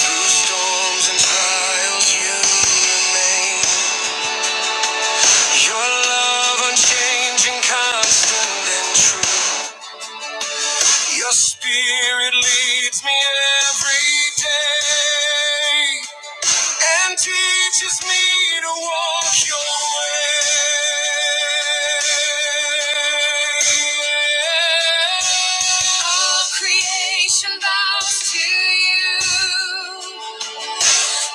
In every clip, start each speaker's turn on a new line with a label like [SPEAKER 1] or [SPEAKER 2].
[SPEAKER 1] Through storms and trials, you remain. Your love unchanging, constant and true. Your spirit leads me every day and teaches me to walk your way. All creation bows to you.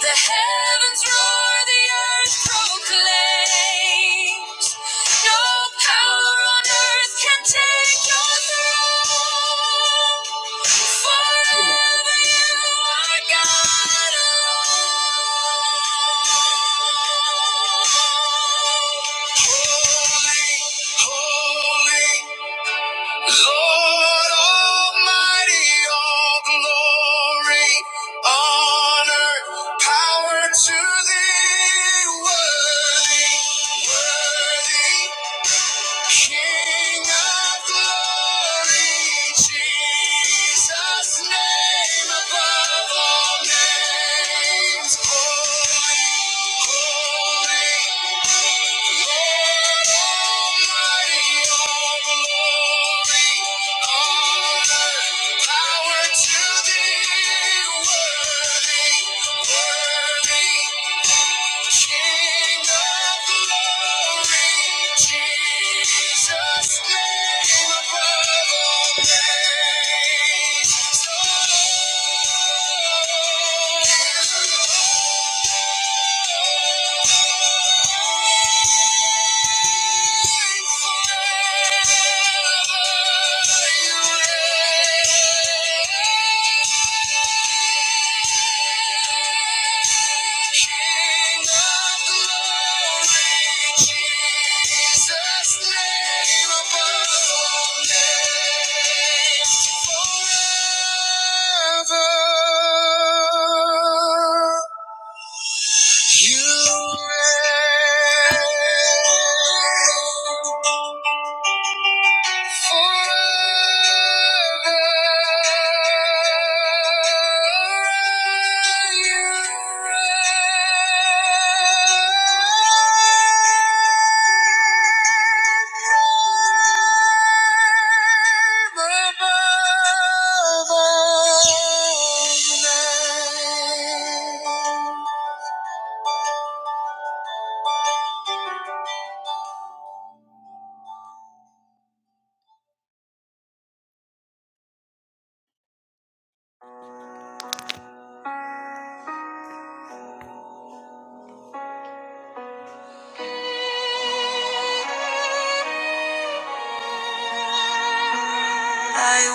[SPEAKER 1] The heavens roar, the earth proclaims. No power on earth can take your throne. Forever you are God alone. Holy, holy. Lord Almighty, all glory, honor, power to thee. Worthy, worthy, King of glory, Jesus' name above all names. Holy, holy, Lord Almighty, all glory. Power to thee, worthy, worthy, King of glory, Jesus, name above all names. So holy forever you reign. You reign. I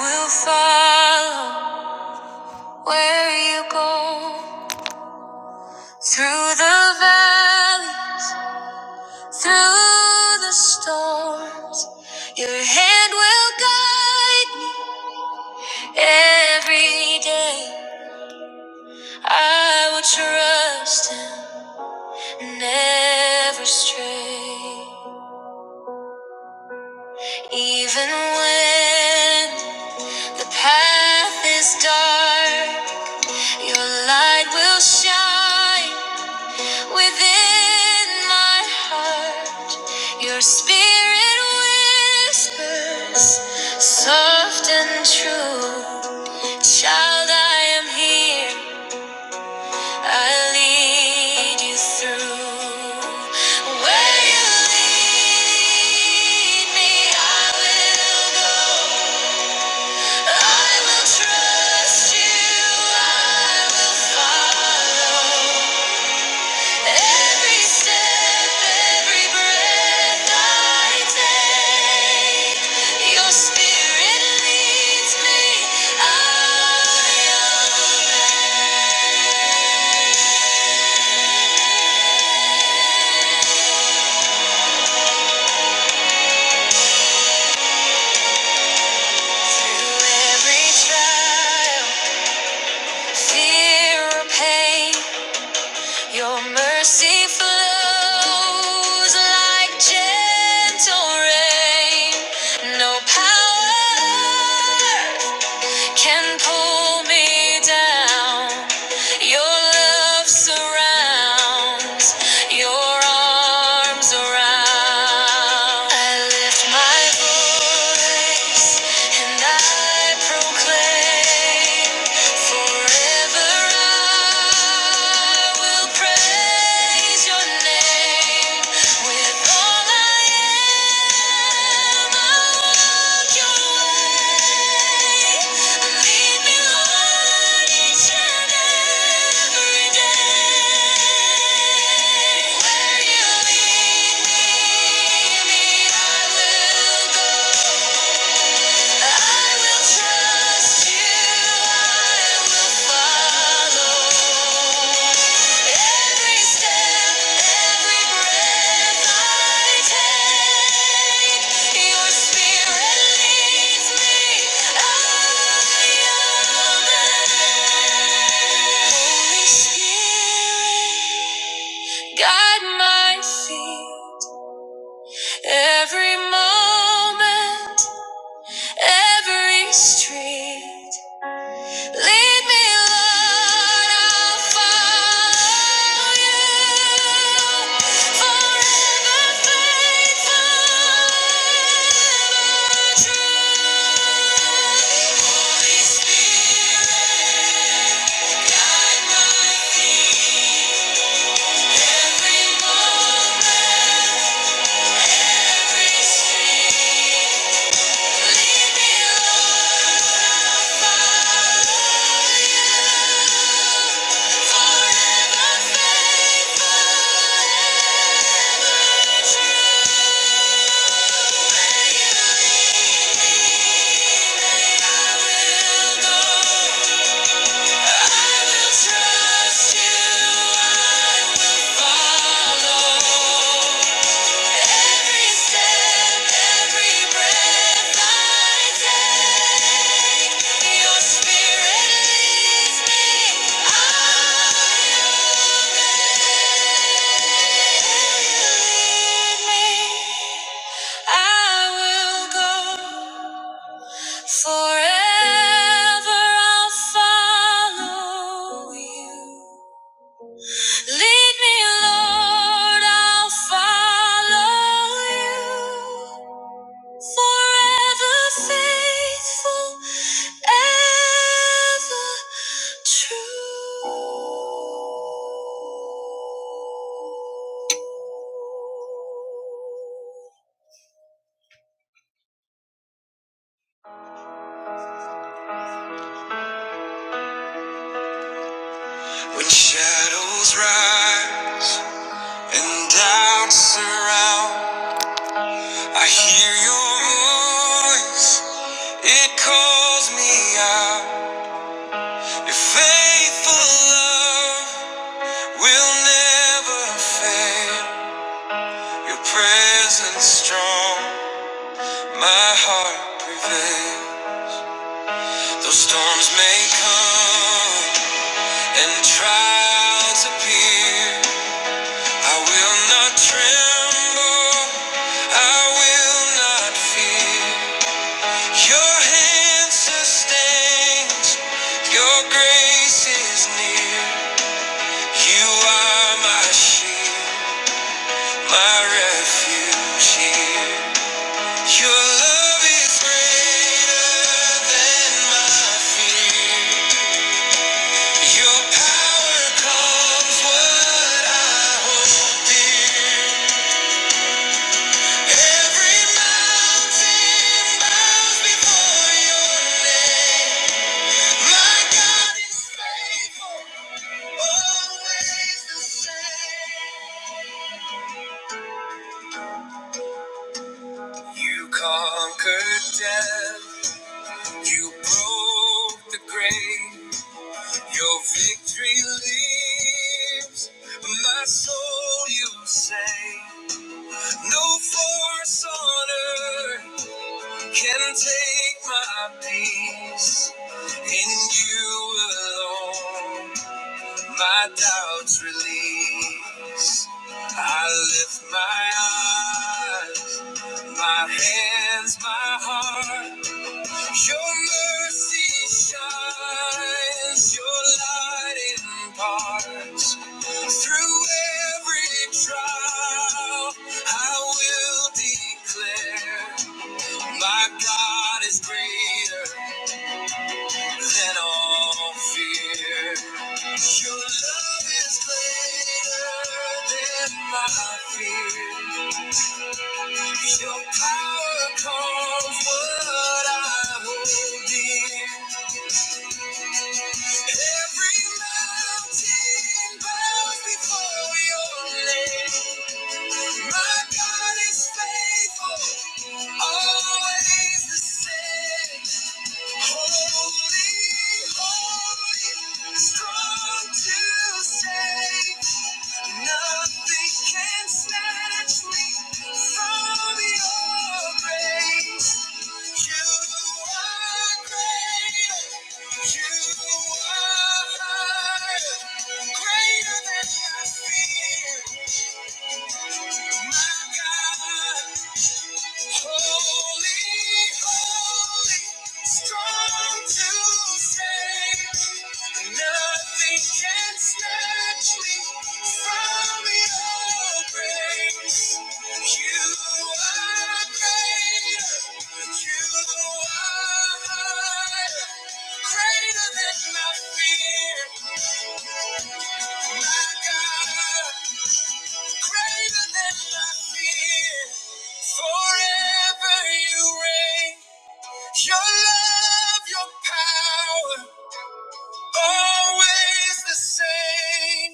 [SPEAKER 1] will follow where you go through the valley Through the storms, your hand will guide me every day. I will trust and never stray. Even when the path is dark, your light will shine within my heart. Your spirit whispers soft and true. Child, I am here. I lead you through. Where you lead me, I will go. I will trust you. I will follow. Every step, every breath I take, your spirit leads me. I am Through every trial, fear or pain, Your mercy flows like gentle rain. No power can pull me down. Your love surrounds, your arms around. I lift my voice and I proclaim forever I will praise your name with all I am. I walk your way. Lead me, Lord, each and every day. Where you lead me, I will go. Guide my feet every moment. Every street, lead me, Lord, I'll follow you. Forever faithful, ever true. Holy Spirit, guide my feet. Every moment, every street, lead me, Lord, I will go. Forever I'll follow you. Lead me, Lord, I'll follow you. Forever faithful, ever true. When shadows rise and doubts surround, I hear your voice. It calls me out. Your faithful love. We'll never fail. Your presence strong. My heart prevails. Though storms may come and trials appear, I will not tremble. I will not fear. Your hand sustains. Your grace is near. You are my shield, my refuge here. Your love is greater than my fear. Your power calms what I hold dear. Every mountain bows before your name. My God is faithful, always the same. You conquered death, you broke the grave. Your victory lives, my soul you say. No force on earth can take my peace. In you alone, my doubts release. I lift my eyes, my hands, my heart. Your mercy shines, your light imparts. Through every trial, I will declare, my God is greater than all fear. Your love is greater than my fear. Your power calms what I hold dear. Every mountain bows before your name. My God is faithful, always the same. Holy, holy, strong to save. Nothing can snatch me from your grace. You are great. You are greater than my fear. My God. Holy, holy, strong to save. Nothing can snatch me from your grace. You are greater, you are higher, greater than my fear. My God, greater than my fear. Forever you reign. Your love, your power, always the same.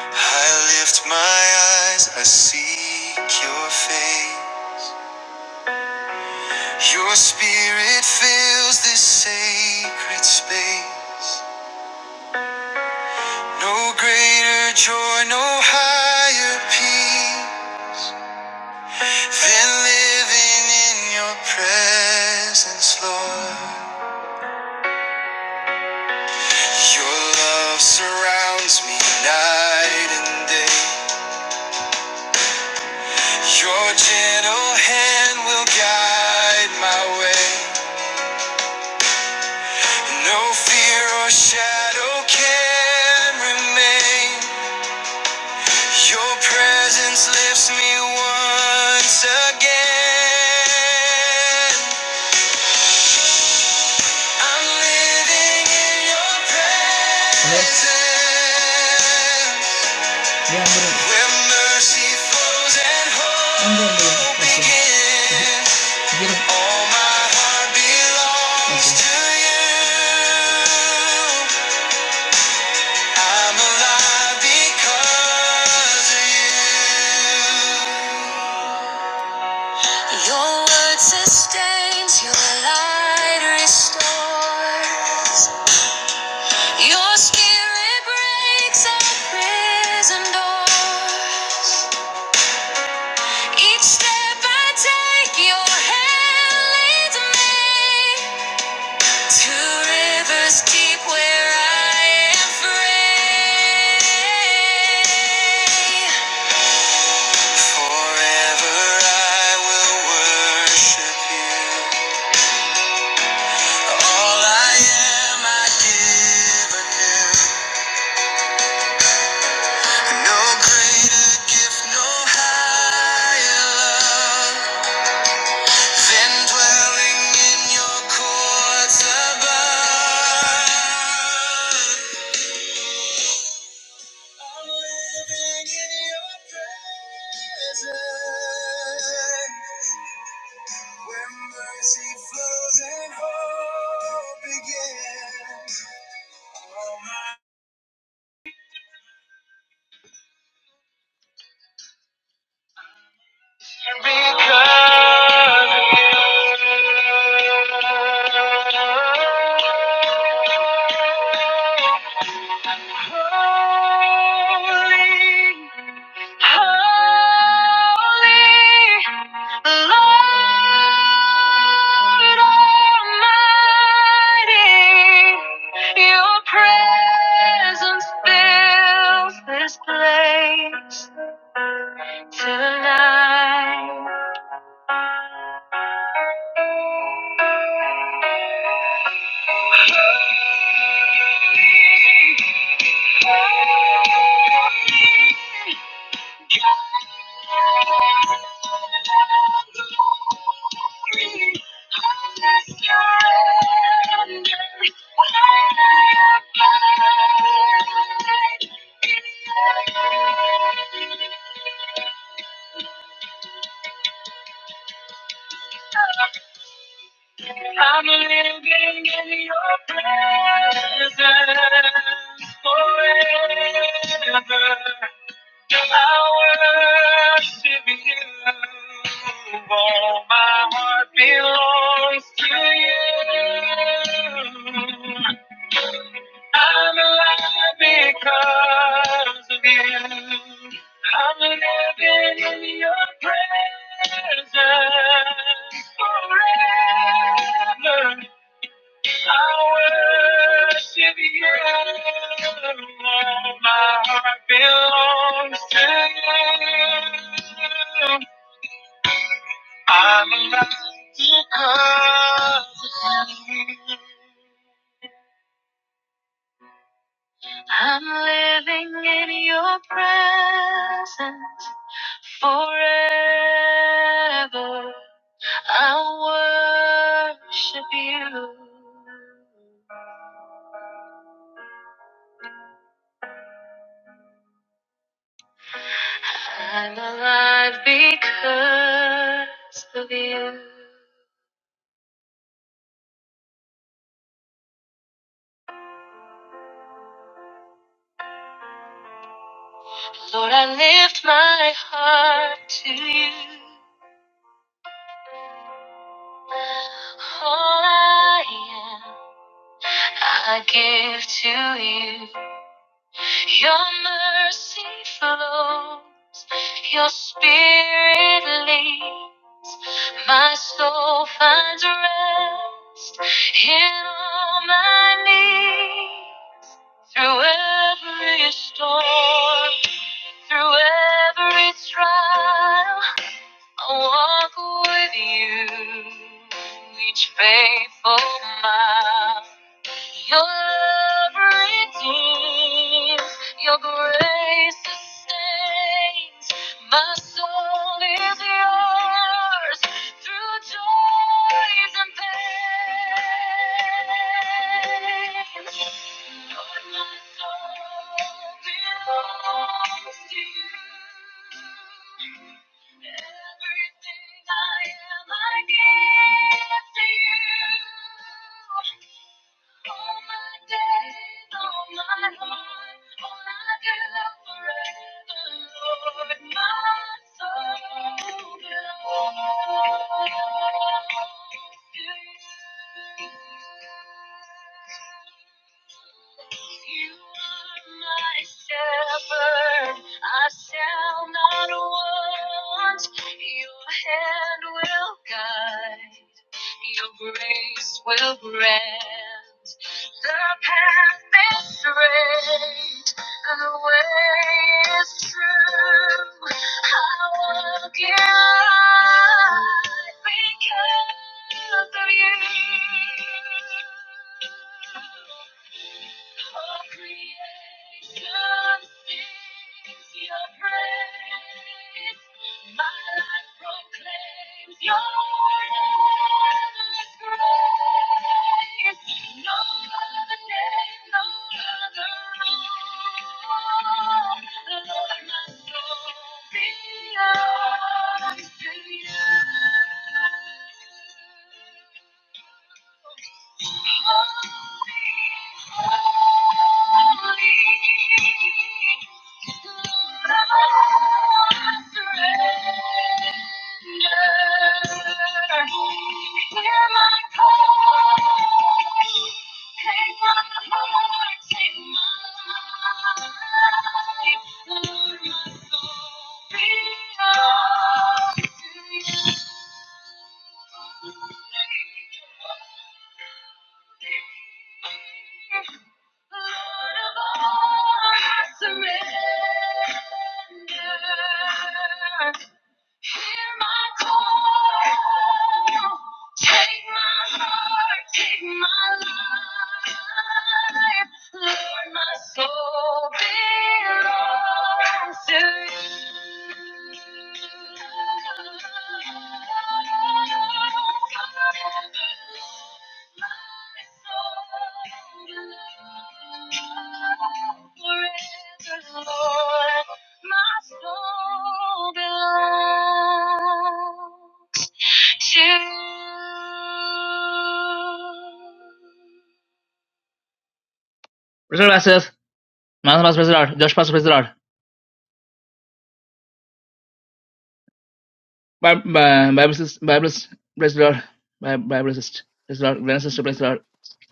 [SPEAKER 1] I lift my eyes, I seek your face. Your spirit fills this sacred space. No greater joy, no higher peace than living in your presence, Lord. Your love surrounds me night and day. Your gentle hand will guide my way. No fear or shadow can remain. Your presence lifts me once again. I'm living in your presence. Yeah, I'm gonna. Where mercy flows and hope I'm begins. All my heart belongs Okay. to you. I'm alive because of you. Your word sustains, your light restores. Your spirit breaks our prison doors. Each step I take, your hand leads me to rivers deep where I am free. Forever I will worship you. All I am, I give anew. No greater gift, no higher love. Then dwelling in your courts above. Living in your presence, where mercy flows and hope begins. Holy, holy, Lord Almighty, Your presence fills this place tonight. Holy. I'm living in your presence forever. I worship you. All my heart belongs to you. I'm alive because of you. I'm living in your presence forever. I worship you. all My heart belongs to you. I'm alive because of you. I'm living in your presence forever. I worship you. I'm alive because of you. Lord, I lift my heart to you. All I am, I give to you. Your mercy flows, your spirit leads, My soul finds rest in all my needs. Through every storm, through every trial, I walk with you each faithful mile. Your love redeems, your grace sustains. My soul is yours through joys and pain.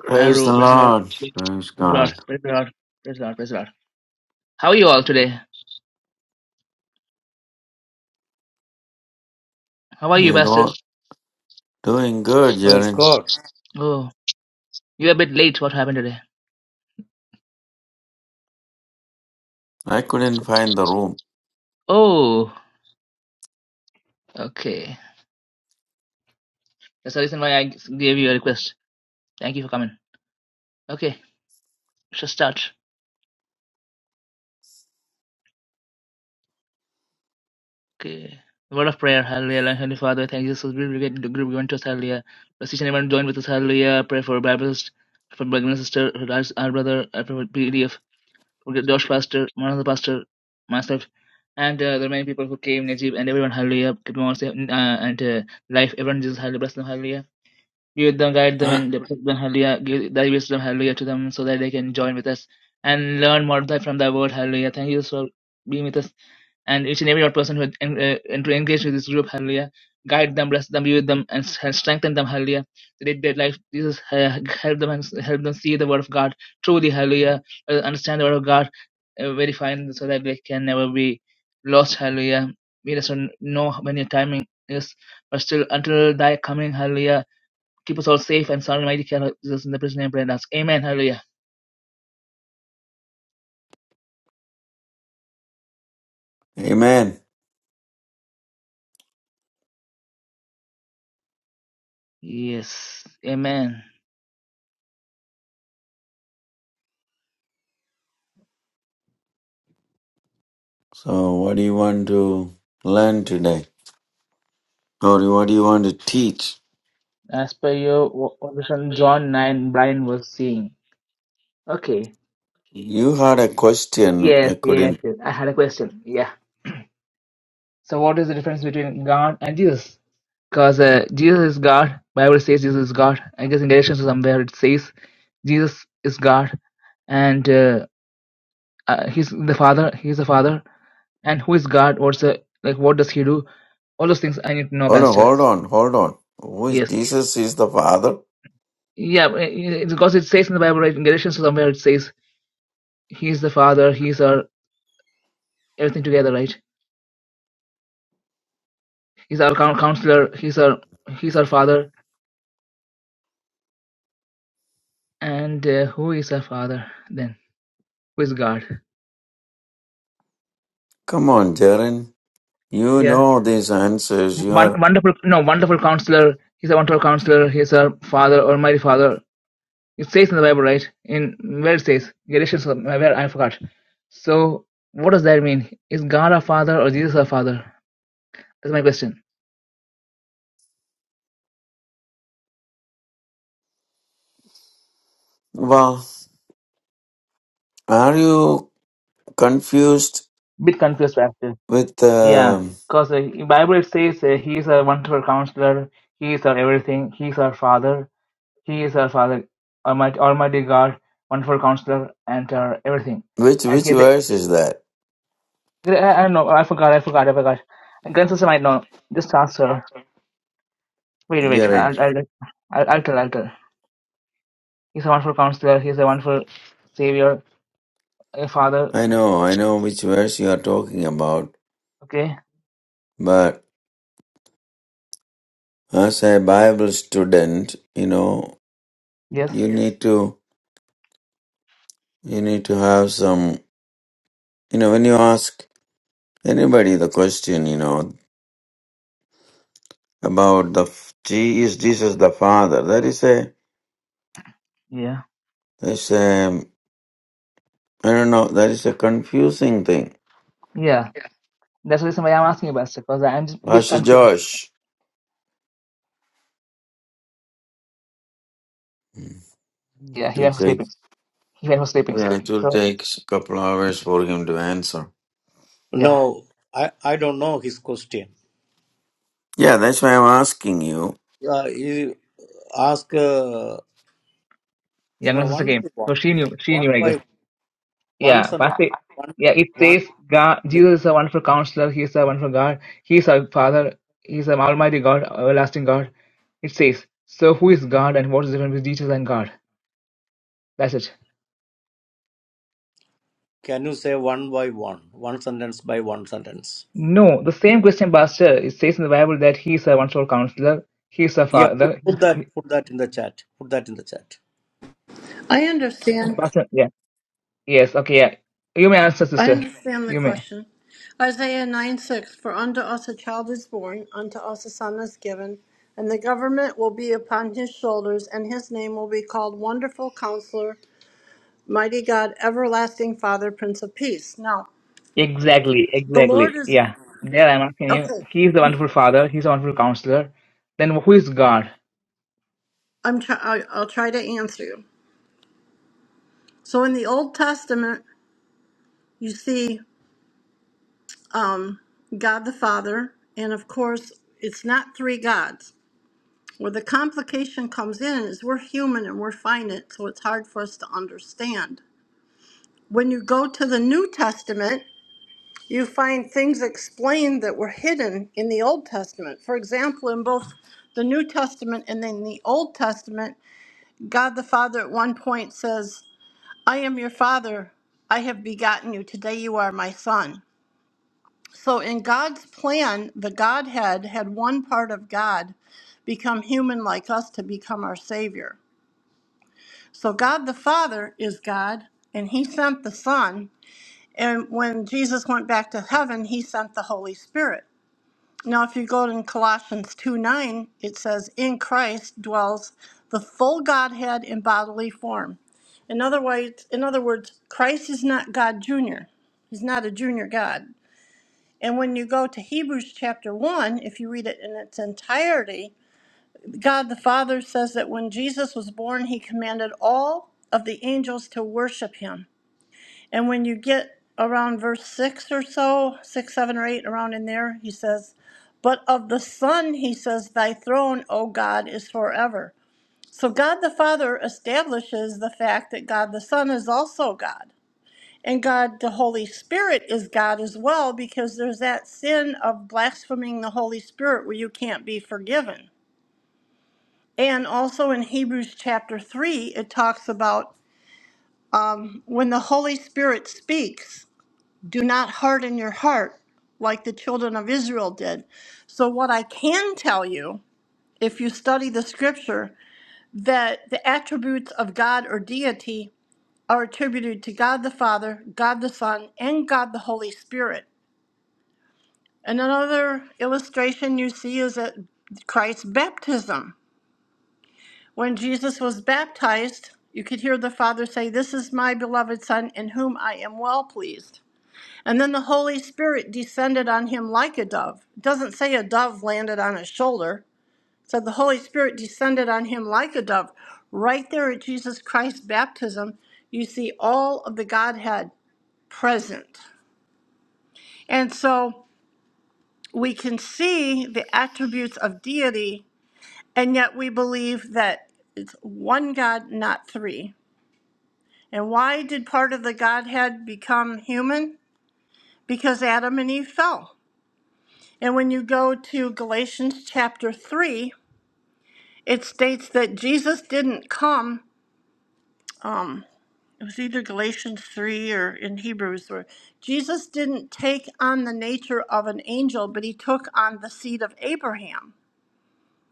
[SPEAKER 2] Praise the Lord. Praise God. You're do- doing good,
[SPEAKER 3] Praise
[SPEAKER 2] Jaren.
[SPEAKER 3] God.
[SPEAKER 1] Oh, you're a bit late. What happened today?
[SPEAKER 2] I couldn't find the room.
[SPEAKER 1] Oh, okay. That's the reason why I gave you a request. Thank you for coming. Okay, let's just start. Okay. The Word of prayer, hallelujah. Lord, Heavenly Father, thank you so much. We get the group given to us, hallelujah. let each and everyone join with us, hallelujah. Pray for Baptist, for Bergman sister, for our our brother, I pray for PDF, for Josh pastor, one of the pastor, myself, and uh, the remaining people who came, Najib, and everyone, hallelujah. Keep them all safe, uh, and uh, life, everyone, Jesus, hallelujah. Bless them, hallelujah. Give them, guide them, and protect them, hallelujah. Give thy wisdom, hallelujah, to them so that they can join with us and learn more thy- from thy word, hallelujah. Thank you for being with us and each and every other person who had en- uh, and to engage with this group, hallelujah. Guide them, bless them, be with them, and, s- and strengthen them, hallelujah. So that their life, Jesus, uh, help them and s- help them see the word of God truly, hallelujah. Uh, understand the word of God uh, very fine so that they can never be lost, hallelujah. We just don't know when your timing is, but still until thy coming, hallelujah Keep us all safe and sound in mighty care of Jesus in the precious name we pray and ask. Amen. Hallelujah.
[SPEAKER 2] Amen.
[SPEAKER 1] Yes. Amen.
[SPEAKER 2] So, what do you want to learn today? Or what do you want to teach?
[SPEAKER 1] As per your wo- conversation, John 9, Brian was seeing. Okay.
[SPEAKER 2] You had a question.
[SPEAKER 1] Yes,
[SPEAKER 2] I
[SPEAKER 1] yes,
[SPEAKER 2] couldn't.
[SPEAKER 1] yes. I had a question. Yeah. So what is the difference between God and Jesus? Because uh, Jesus is God. Bible says Jesus is God. I guess in Galatians or somewhere it says Jesus is God. And uh, uh, he's the Father. He's the Father. and who is God? What's the like? What does He do? All those things I need to know,
[SPEAKER 2] Hold on,
[SPEAKER 1] Pastor.
[SPEAKER 2] hold on, hold on. Who
[SPEAKER 1] Yes.
[SPEAKER 2] is Jesus? Is the Father?
[SPEAKER 1] Yeah, eh, eh, because it says in the Bible, right, in Galatians somewhere, it says He is the Father, He's our everything together, right? He's our coun- counselor, He's our He's our Father, and uh, who is our Father then? Who is God?
[SPEAKER 2] Come on, Jaren. You
[SPEAKER 1] Yeah,
[SPEAKER 2] know these answers. You
[SPEAKER 1] Won-
[SPEAKER 2] are.
[SPEAKER 1] wonderful, no, wonderful counselor. He's a wonderful counselor. He's our Father, Almighty Father. It says in the Bible, right? In where it says Galatians, or where I forgot. So, what does that mean? Is God our Father or Jesus our Father? That's my question.
[SPEAKER 2] Well, are you confused
[SPEAKER 1] Bit confused, actually.
[SPEAKER 2] with
[SPEAKER 1] Yeah,
[SPEAKER 2] um
[SPEAKER 1] because uh, in Bible it says uh, he is our wonderful counselor, he is our everything, he is our father, he is our father, Almighty, Almighty God, wonderful counselor, and our everything.
[SPEAKER 2] which
[SPEAKER 1] And
[SPEAKER 2] which
[SPEAKER 1] he, did-
[SPEAKER 2] verse is that,
[SPEAKER 1] I, I don't know, I forgot, I forgot, I forgot. Grand sister might know. Just ask her. Wait, wait,
[SPEAKER 2] Jaren?
[SPEAKER 1] I'll, I'll, I'll, I'll tell, I'll tell. He's a wonderful counselor, he's a wonderful savior, a father.
[SPEAKER 2] I know, I know which verse you are talking about,
[SPEAKER 1] Okay,
[SPEAKER 2] but as a Bible student, you know,
[SPEAKER 1] yes,
[SPEAKER 2] you need to you need to have some you know when you ask anybody the question, you know, about the f- Je- is Jesus the Father? That is a
[SPEAKER 1] yeah,
[SPEAKER 2] that's a I don't know. That is a confusing thing.
[SPEAKER 1] yeah. That's the reason why I'm asking you, Pastor, because I'm just a bit
[SPEAKER 2] Pastor
[SPEAKER 1] confused.
[SPEAKER 2] Josh,
[SPEAKER 1] Yeah,
[SPEAKER 2] it
[SPEAKER 1] he
[SPEAKER 2] will
[SPEAKER 1] went for
[SPEAKER 2] take
[SPEAKER 1] sleeping. He went for sleeping.
[SPEAKER 2] yeah, it will
[SPEAKER 1] So,
[SPEAKER 2] take a couple hours for him to answer.
[SPEAKER 1] Yeah,
[SPEAKER 3] No, I, I don't know his question.
[SPEAKER 2] Yeah, that's why I'm asking you.
[SPEAKER 3] Uh, you ask, uh,
[SPEAKER 1] younger
[SPEAKER 3] no,
[SPEAKER 1] sister
[SPEAKER 3] one by
[SPEAKER 1] came.
[SPEAKER 3] one.
[SPEAKER 1] So she knew. She
[SPEAKER 3] One
[SPEAKER 1] knew, I guess.
[SPEAKER 3] by one
[SPEAKER 1] Yeah,
[SPEAKER 3] sentence.
[SPEAKER 1] Pastor.
[SPEAKER 3] One,
[SPEAKER 1] Yeah, it
[SPEAKER 3] one.
[SPEAKER 1] says God,
[SPEAKER 3] listen,
[SPEAKER 1] Jesus is a wonderful counselor. He is a wonderful God. He is our Father. He is an almighty God, everlasting God. It says, so who is God and what is the difference between Jesus and God? That's it.
[SPEAKER 3] Can you say one by one? One sentence by one sentence.
[SPEAKER 1] No, the same question, Pastor. It says in the Bible that he is a wonderful counselor. He is a
[SPEAKER 3] Yeah, put,
[SPEAKER 1] father. He,
[SPEAKER 3] put that
[SPEAKER 1] he-
[SPEAKER 3] put that in the chat. Put that in the chat.
[SPEAKER 4] I understand.
[SPEAKER 1] Pastor, yeah. Yes, okay, yeah. You may answer,
[SPEAKER 4] I
[SPEAKER 1] sister.
[SPEAKER 4] understand the
[SPEAKER 1] You may.
[SPEAKER 4] question. Isaiah 9 6 For unto us a child is born, unto us a son is given, and the government will be upon his shoulders, and his name will be called Wonderful Counselor, Mighty God, Everlasting Father, Prince of Peace. Now,
[SPEAKER 1] Exactly,
[SPEAKER 4] the Lord
[SPEAKER 1] exactly.
[SPEAKER 4] is.
[SPEAKER 1] Yeah, there I'm asking you.
[SPEAKER 4] Okay,
[SPEAKER 1] He is the wonderful father. He's a wonderful counselor. Then who is God?
[SPEAKER 4] I'm try, I, I'll try to answer you. So in the Old Testament, you see um, God the Father, and of course, it's not three gods. Where the complication comes in is we're human and we're finite, so it's hard for us to understand. When you go to the New Testament, you find things explained that were hidden in the Old Testament. For example, in both the New Testament and then the Old Testament, God the Father at one point says, I am your Father, I have begotten you, today you are my Son. So in God's plan, the Godhead had one part of God become human like us to become our Savior. So God the Father is God, and He sent the Son. And when Jesus went back to heaven, He sent the Holy Spirit. Now, if you go to Colossians 2 9, it says, In Christ dwells the full Godhead in bodily form. In other, words, in other words, Christ is not God Jr., He's not a junior God. And when you go to Hebrews chapter 1, if you read it in its entirety, God the Father says that when Jesus was born, he commanded all of the angels to worship him. And when you get around verse 6 or so, 6, 7, or 8, around in there, he says, But of the Son, he says, Thy throne, O God, is forever. So God the Father establishes the fact that God the Son is also God. And God the Holy Spirit is God as well, because there's that sin of blaspheming the Holy Spirit where you can't be forgiven. And also in Hebrews chapter 3, it talks about um, when the Holy Spirit speaks, do not harden your heart like the children of Israel did. So, what I can tell you, if you study the scripture, that the attributes of God or deity are attributed to God the Father, God the Son, and God the Holy Spirit. And another illustration you see is at Christ's baptism When Jesus was baptized, you could hear the Father say, This is my beloved Son in whom I am well pleased. And then the Holy Spirit descended on him like a dove. It doesn't say a dove landed on his shoulder. It said the Holy Spirit descended on him like a dove. Right there at Jesus Christ's baptism, you see all of the Godhead present. And so we can see the attributes of deity, and yet we believe that it's one God, not three. And why did part of the Godhead become human? Because Adam and Eve fell. And when you go to Galatians chapter 3, it states that Jesus didn't come, um, it was either Galatians 3 or in Hebrews, where Jesus didn't take on the nature of an angel, but he took on the seed of Abraham.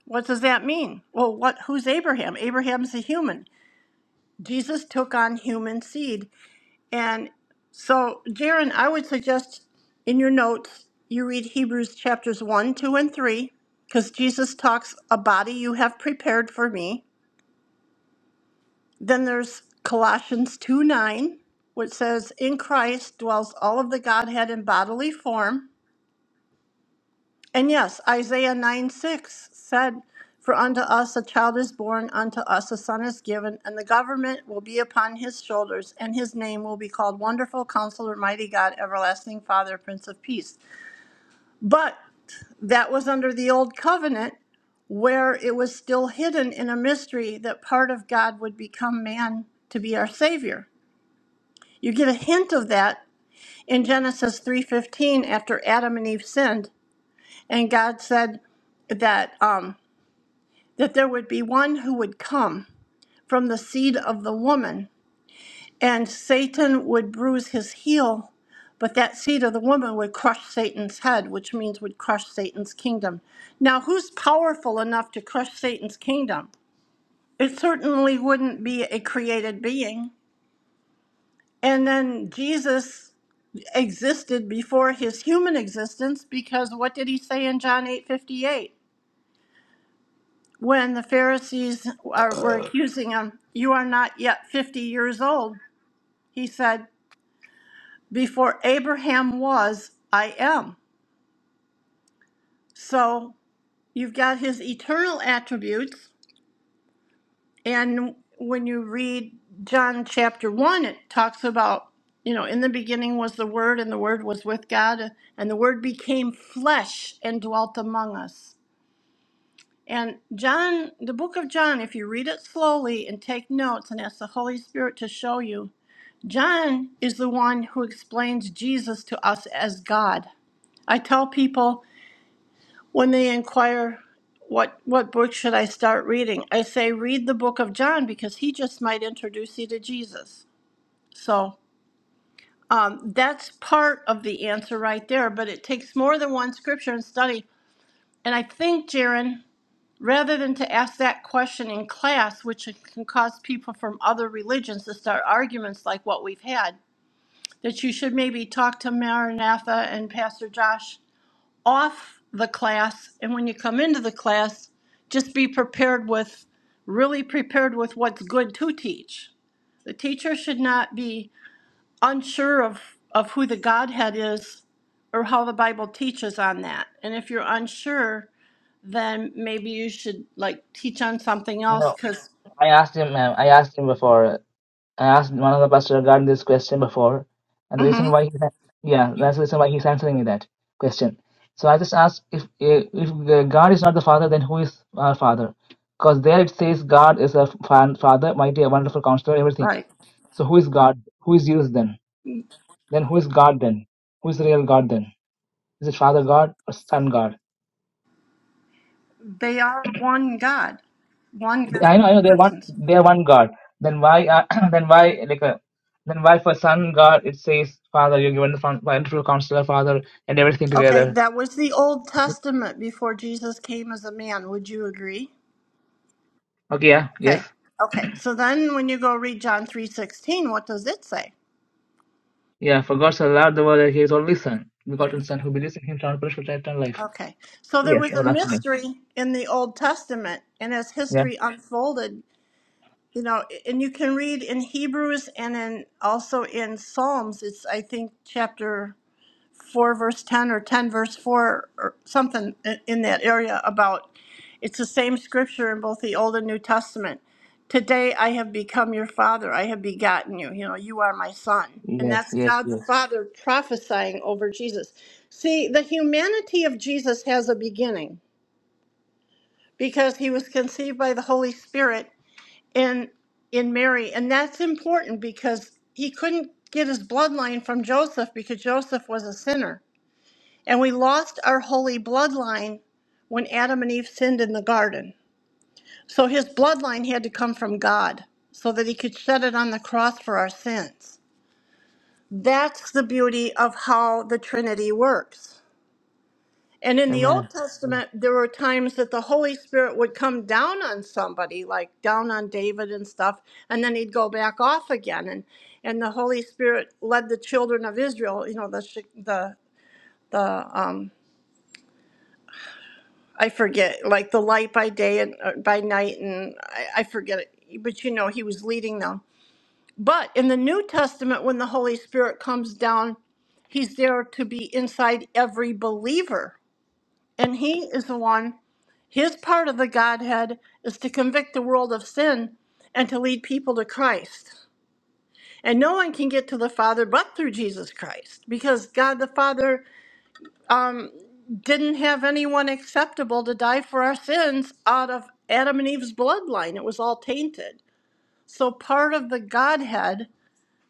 [SPEAKER 4] What does that mean? Well, what who's Abraham? Abraham's a human. Jesus took on human seed And so, Jaron, I would suggest in your notes you read Hebrews chapters 1, 2, and 3, because Jesus talks, A body you have prepared for me. Then there's Colossians 2, 9, which says, In Christ dwells all of the Godhead in bodily form. And yes, Isaiah 9 6 said, For unto us a child is born, unto us a son is given, and the government will be upon his shoulders, and his name will be called Wonderful Counselor, Mighty God, Everlasting Father, Prince of Peace. But that was under the old covenant where it was still hidden in a mystery that part of God would become man to be our savior. You get a hint of that in Genesis 3:15 after Adam and Eve sinned and God said that um, that there would be one who would come from the seed of the woman, and Satan would bruise his heel, but that seed of the woman would crush Satan's head, which means would crush Satan's kingdom. Now, who's powerful enough to crush Satan's kingdom? It certainly wouldn't be a created being. And then Jesus existed before his human existence because what did he say in John eight fifty eight? when the Pharisees are, were accusing him, You are not yet 50 years old, he said, Before Abraham was, I am. So you've got his eternal attributes. And when you read John chapter 1, it talks about, you know, in the beginning was the Word, and the Word was with God, and the Word became flesh and dwelt among us. And John, the book of John, if you read it slowly and take notes and ask the Holy Spirit to show you, John is the one who explains Jesus to us as God. I tell people when they inquire what what book should I start reading? I say read the book of John because he just might introduce you to Jesus. So um, that's part of the answer right there, but it takes more than one scripture and study. And I think, Jaron, rather than to ask that question in class, which can cause people from other religions to start arguments like what we've had, that you should maybe talk to Maranatha and Pastor Josh off the class. And when you come into the class, just be prepared with, really prepared with what's good to teach. The teacher should not be unsure of, of who the Godhead is or how the Bible teaches on that. And if you're unsure, then maybe you should like teach on something else
[SPEAKER 1] No,
[SPEAKER 4] because,
[SPEAKER 1] I asked him. ma'am, I asked him before. I asked one of the pastor regarding this question before, and the reason why he's yeah, that's the reason why he's answering me that question. So I just asked if if the God is not the father, then who is our father? Because there it says God is a fa- father, mighty, a wonderful counselor, everything.
[SPEAKER 4] right,
[SPEAKER 1] So who is God? Who is Jesus then? Then who is God then? Who is the real God then? Is it Father God or Son God?
[SPEAKER 4] they are one God, one
[SPEAKER 1] They-
[SPEAKER 4] God,
[SPEAKER 1] I know, I
[SPEAKER 4] three
[SPEAKER 1] know they're one.
[SPEAKER 4] persons.
[SPEAKER 1] They're one God. Then why? Uh, then why? Like a, then why for Son God it says Father? You're given the fun- wonderful Counselor, Father, and everything
[SPEAKER 4] Okay,
[SPEAKER 1] together.
[SPEAKER 4] that was the Old Testament before Jesus came as a man. Would you agree?
[SPEAKER 1] Okay, yeah, yes,
[SPEAKER 4] Okay. Okay. So then when you go read John 3:16, what does it say?
[SPEAKER 1] yeah. For God so loved the world that He is only Son, begotten Son, who believes in Him shall not perish but have eternal life.
[SPEAKER 4] Okay. So there
[SPEAKER 1] Yes,
[SPEAKER 4] was a
[SPEAKER 1] everlasting. life.
[SPEAKER 4] mystery in the Old Testament and as
[SPEAKER 1] Yeah.
[SPEAKER 4] history unfolded, you know, and you can read in Hebrews and in also in Psalms, it's I think chapter 4 verse 10 or 10 verse 4 or something i- in that area about it's the same scripture in both the Old and New Testament. Today I have become your father. I have begotten you. You know, you are my son. And
[SPEAKER 1] Yes,
[SPEAKER 4] that's
[SPEAKER 1] yes,
[SPEAKER 4] God the
[SPEAKER 1] yes.
[SPEAKER 4] Father prophesying over Jesus. See, the humanity of Jesus has a beginning because he was conceived by the Holy Spirit in in Mary, and that's important because he couldn't get his bloodline from Joseph because Joseph was a sinner. And we lost our holy bloodline when Adam and Eve sinned in the garden. So his bloodline had to come from God so that he could shed it on the cross for our sins. That's the beauty of how the Trinity works. And in the
[SPEAKER 1] Amen.
[SPEAKER 4] Old Testament, there were times that the Holy Spirit would come down on somebody, like down on David and stuff, and then he'd go back off again. And and the Holy Spirit led the children of Israel, you know, the sh- the the um, I forget, like the light by day and uh, by night, and I, I forget it. But you know, he was leading them. But in the New Testament, when the Holy Spirit comes down, he's there to be inside every believer. And he is the one, his part of the Godhead is to convict the world of sin and to lead people to Christ. And no one can get to the Father but through Jesus Christ because God the Father um, didn't have anyone acceptable to die for our sins out of Adam and Eve's bloodline. It was all tainted. So part of the Godhead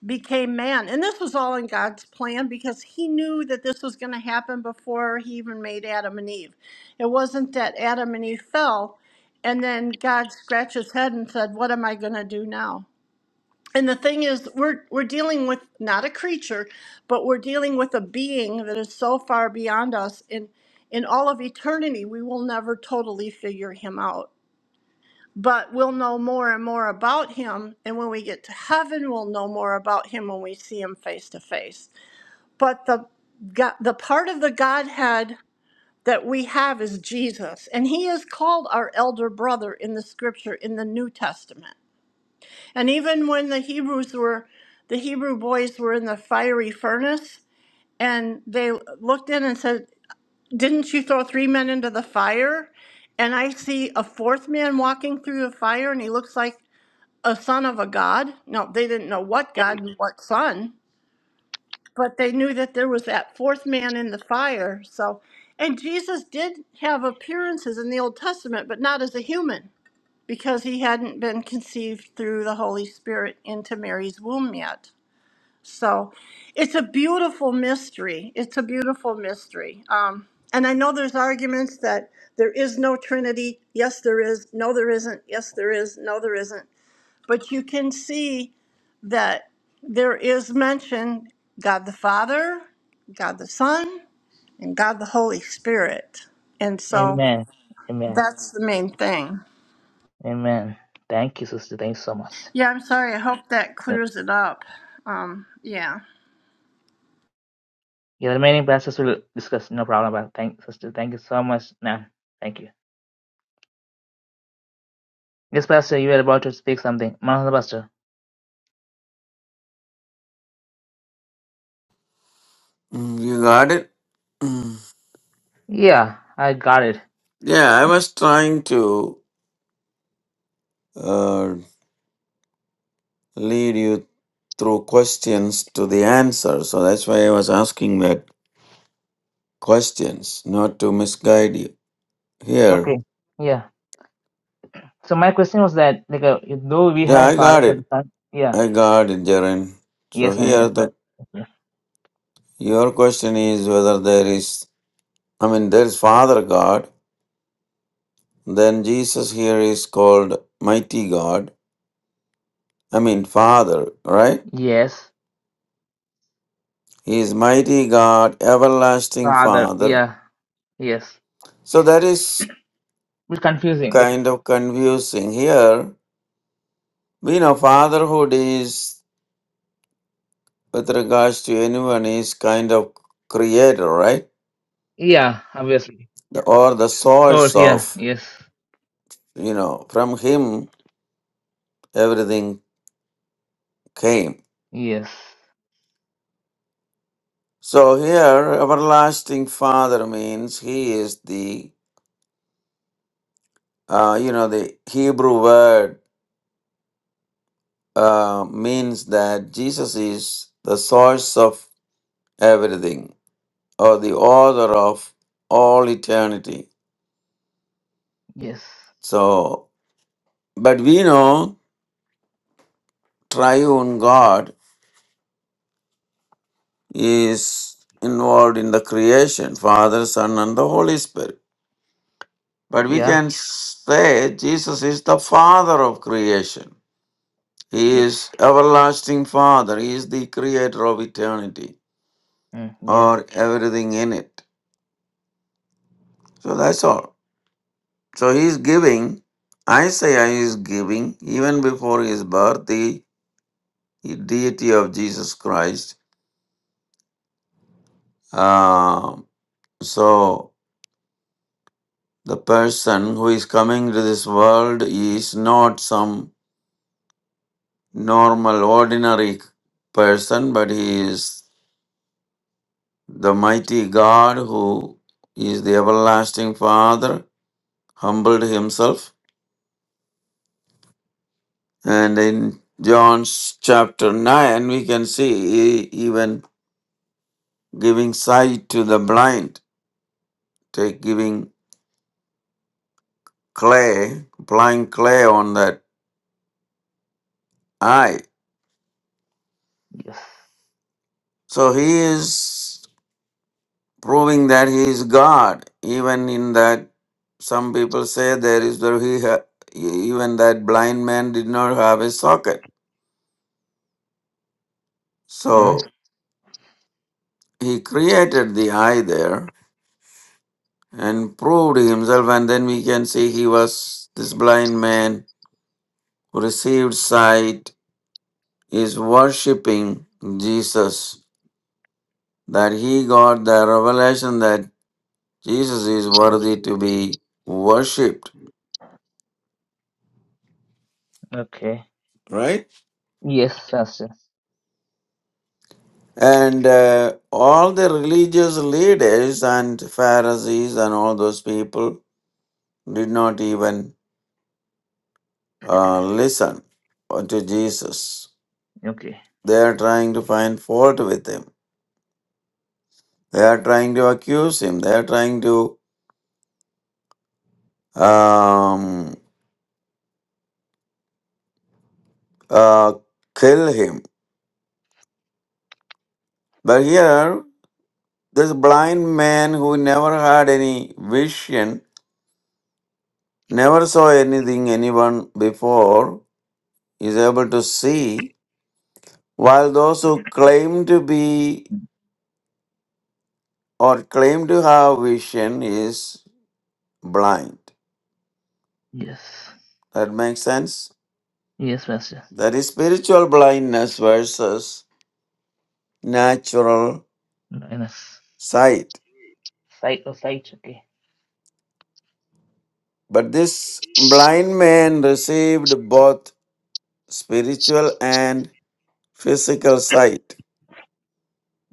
[SPEAKER 4] became man. And this was all in God's plan because he knew that this was going to happen before he even made Adam and Eve. It wasn't that Adam and Eve fell and then God scratched his head and said, What am I going to do now? And the thing is, we're we're dealing with not a creature, but we're dealing with a being that is so far beyond us. In in all of eternity, we will never totally figure him out. But we'll know more and more about him. And when we get to heaven, we'll know more about him when we see him face to face. But the God, the part of the Godhead that we have is Jesus, and He is called our elder brother in the Scripture in the New Testament. And even when the Hebrews were, the Hebrew boys were in the fiery furnace, and they looked in and said, Didn't you throw three men into the fire? And I see a fourth man walking through the fire, and he looks like a son of a god. No, they didn't know what god and what son, but they knew that there was that fourth man in the fire. So, and Jesus did have appearances in the Old Testament, but not as a human because he hadn't been conceived through the Holy Spirit into Mary's womb yet. So it's a beautiful mystery. It's a beautiful mystery. Um, and I know there's arguments that there is no Trinity. Yes, there is. No, there isn't. Yes, there is. No, there isn't. But you can see that there is mention God the Father, God the Son, and God the Holy Spirit. And so
[SPEAKER 1] Amen. Amen.
[SPEAKER 4] that's the main thing.
[SPEAKER 1] Amen. Thank you, sister. Thank you so much.
[SPEAKER 4] Yeah, I'm sorry. I hope that
[SPEAKER 1] Uh,
[SPEAKER 4] clears it up. Um, yeah.
[SPEAKER 1] Yeah, the remaining pastors will discuss. No problem. Pastor. Thank, sister. Thank you so much, ma'am. Thank you. Yes, pastor, you were about to speak something. Man of pastor.
[SPEAKER 2] Mm, You got it? Mm.
[SPEAKER 1] Yeah, I got it.
[SPEAKER 2] Yeah, I was trying to uh, lead you through questions to the answer. So that's why I was asking that questions, not to misguide you. Here.
[SPEAKER 1] Okay. Yeah. So my question was that, like, uh, though we
[SPEAKER 2] Yeah,
[SPEAKER 1] had a
[SPEAKER 2] I
[SPEAKER 1] father
[SPEAKER 2] got
[SPEAKER 1] and
[SPEAKER 2] it.
[SPEAKER 1] a son. Yeah.
[SPEAKER 2] I got it, Jaren. So
[SPEAKER 1] Yes, ma'am.
[SPEAKER 2] here
[SPEAKER 1] Yes, sir.
[SPEAKER 2] the
[SPEAKER 1] Yes.
[SPEAKER 2] your question is whether there is I mean there is Father God, then Jesus here is called mighty God. I mean Father, right?
[SPEAKER 1] Yes.
[SPEAKER 2] He is mighty God, everlasting
[SPEAKER 1] Father.
[SPEAKER 2] Father,
[SPEAKER 1] Yeah. Yes.
[SPEAKER 2] So that is
[SPEAKER 1] It's confusing. Like,
[SPEAKER 2] kind of confusing here. We know fatherhood is, with regards to anyone, is kind of creator, right?
[SPEAKER 1] yeah, obviously.
[SPEAKER 2] The- Or the
[SPEAKER 1] Of course.
[SPEAKER 2] source
[SPEAKER 1] Yeah.
[SPEAKER 2] of,
[SPEAKER 1] Yes.
[SPEAKER 2] you know, from him everything came.
[SPEAKER 1] Yes.
[SPEAKER 2] So here, everlasting father means he is the, uh, you know, the Hebrew word uh, means that Jesus is the source of everything or the author of all eternity.
[SPEAKER 1] Yes.
[SPEAKER 2] So, but we know triune God is involved in the creation Father, Son, and the Holy Spirit. But we
[SPEAKER 1] Yeah.
[SPEAKER 2] can say Jesus is the Father of creation. He
[SPEAKER 1] Yes.
[SPEAKER 2] is everlasting Father. He is the creator of eternity
[SPEAKER 1] Mm, yeah.
[SPEAKER 2] or everything in it. So that's all. So he is giving, Isaiah is giving, even before his birth, the deity of Jesus Christ. Um, so The person who is coming to this world is not some normal, ordinary person, but he is the mighty God who is the everlasting Father, humbled himself. And in John's chapter 9, we can see e- even giving sight to the blind, take giving clay, applying clay on that eye.
[SPEAKER 1] Yes.
[SPEAKER 2] So he is. proving that he is God. Even in that, some people say there is the he ha- even that blind man did not have a socket.
[SPEAKER 1] Mm,
[SPEAKER 2] So he created the eye there and proved himself, and then we can see he was this blind man who received sight is worshiping Jesus. That he got the revelation that Jesus is worthy to be worshipped,
[SPEAKER 1] okay.
[SPEAKER 2] right?
[SPEAKER 1] Yes, Pastor.
[SPEAKER 2] And uh, all the religious leaders and Pharisees and all those people did not even uh, listen to Jesus.
[SPEAKER 1] Okay.
[SPEAKER 2] They are trying to find fault with him. They are trying to accuse him. They are trying to um, uh, kill him. But here, this blind man who never had any vision, never saw anything anyone before, is able to see While those who claim to be or claim to have vision is blind.
[SPEAKER 1] Yes.
[SPEAKER 2] That makes sense?
[SPEAKER 1] Yes, Master.
[SPEAKER 2] That is spiritual blindness versus natural
[SPEAKER 1] In a s-
[SPEAKER 2] sight.
[SPEAKER 1] sight or sight. Okay.
[SPEAKER 2] But this blind man received both spiritual and physical sight.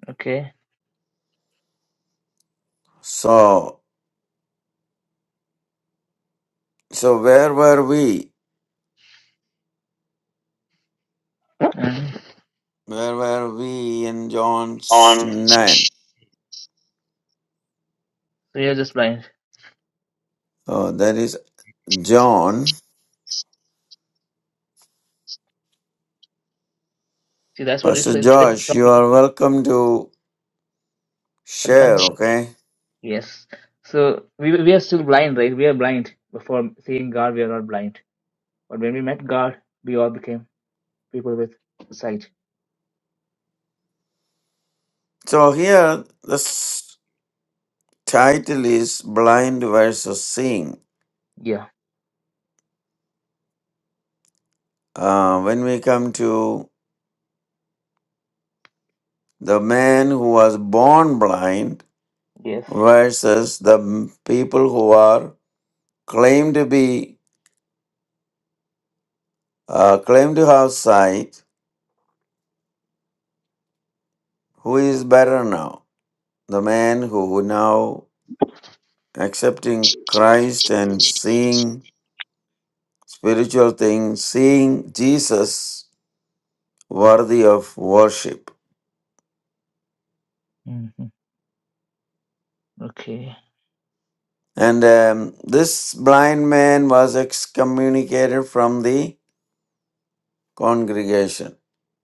[SPEAKER 1] Okay.
[SPEAKER 2] So, so where were we?
[SPEAKER 1] And
[SPEAKER 2] Where were we in John 9?
[SPEAKER 1] so you're just blind.
[SPEAKER 2] Oh, that is John.
[SPEAKER 1] See, that's what is
[SPEAKER 2] Pastor
[SPEAKER 1] placed.
[SPEAKER 2] Josh, you are welcome to share, okay?
[SPEAKER 1] Yes. So we we are still blind, right? We are blind. Before seeing God, we are not blind. But when we met God, we all became people with sight.
[SPEAKER 2] So here the s- title is Blind versus Seeing.
[SPEAKER 1] Yeah.
[SPEAKER 2] Uh, when we come to the man who was born blind
[SPEAKER 1] Yes.
[SPEAKER 2] versus the m- people who are claimed to be uh, claimed to have sight, who is better now? The man who now accepting Christ and seeing spiritual things, seeing Jesus worthy of worship
[SPEAKER 1] hmm Okay.
[SPEAKER 2] And um, this blind man was excommunicated from the congregation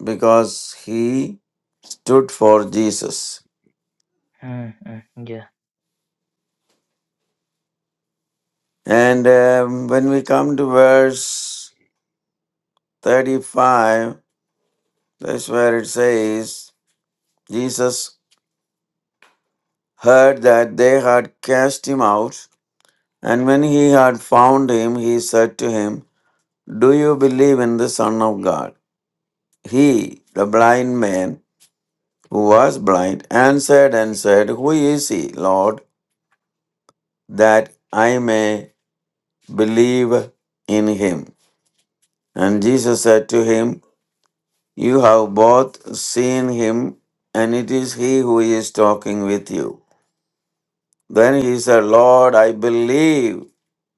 [SPEAKER 2] because he stood for Jesus.
[SPEAKER 1] Mm-hmm. Yeah.
[SPEAKER 2] And um, when we come to verse 35, that's where it says, Jesus heard that they had cast him out, and when he had found him, he said to him, Do you believe in the Son of God? He, the blind man, who was blind, answered and said, Who is he, Lord, that I may believe in him? And Jesus said to him, You have both seen him, and it is he who is talking with you. Then he said, Lord, I believe.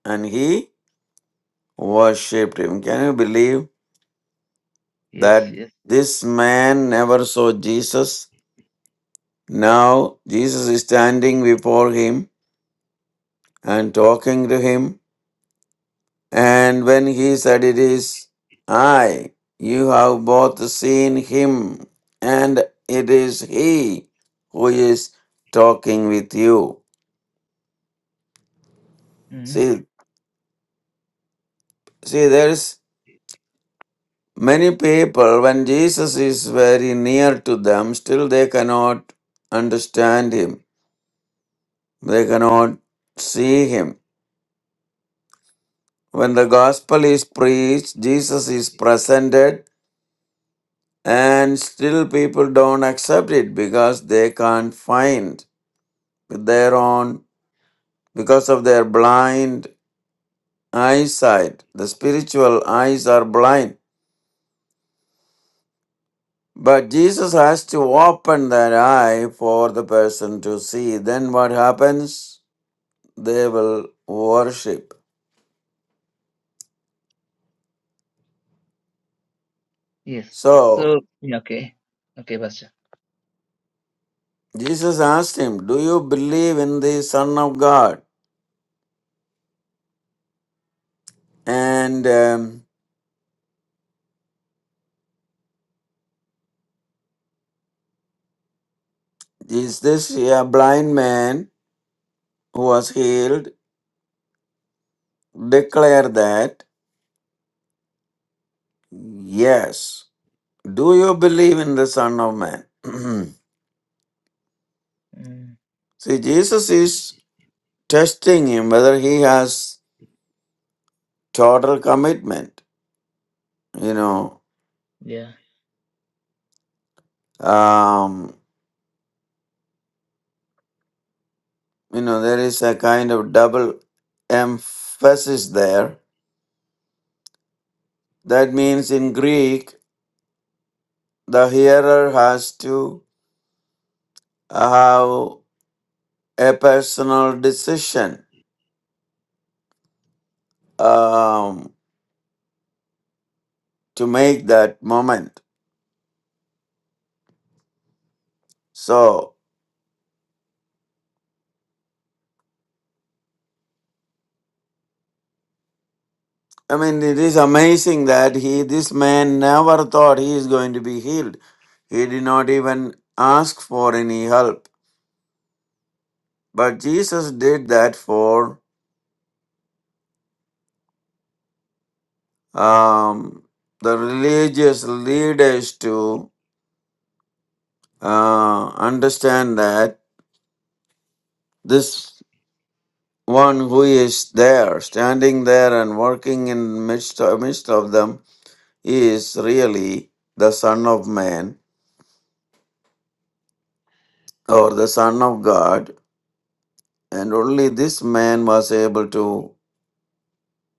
[SPEAKER 2] And he worshipped him. Can you believe
[SPEAKER 1] Yes.
[SPEAKER 2] that
[SPEAKER 1] Yes.
[SPEAKER 2] this man never saw Jesus? Now Jesus is standing before him and talking to him And when he said, It is I, you have both seen him, and it is he who is talking with you.
[SPEAKER 1] hmm
[SPEAKER 2] See, see, there's many people when Jesus is very near to them, still they cannot understand him, they cannot see him. When the gospel is preached, Jesus is presented, and still people don't accept it because they can't find thereon because of their blind eyesight. The spiritual eyes are blind. But Jesus has to open that eye for the person to see. Then what happens? They will worship.
[SPEAKER 1] Yes.
[SPEAKER 2] So
[SPEAKER 1] So yeah, okay. Okay, Pastor.
[SPEAKER 2] Jesus asked him, Do you believe in the Son of God? And um, is this a blind man who was healed? Declare that yes. Do you believe in the Son of Man?
[SPEAKER 1] Mm,
[SPEAKER 2] See, Jesus is testing him whether he has total commitment. You know,
[SPEAKER 1] yeah.
[SPEAKER 2] um, you know, there is a kind of double emphasis there. That means in Greek, the hearer has to have a personal decision um, to make that moment. So. I mean, it is amazing that he, this man, never thought he is going to be healed. He did not even ask for any help. But Jesus did that for um, the religious leaders to uh, understand that this one who is there, standing there and working in midst midst of them, is really the Son of Man or the Son of God And only this man was able to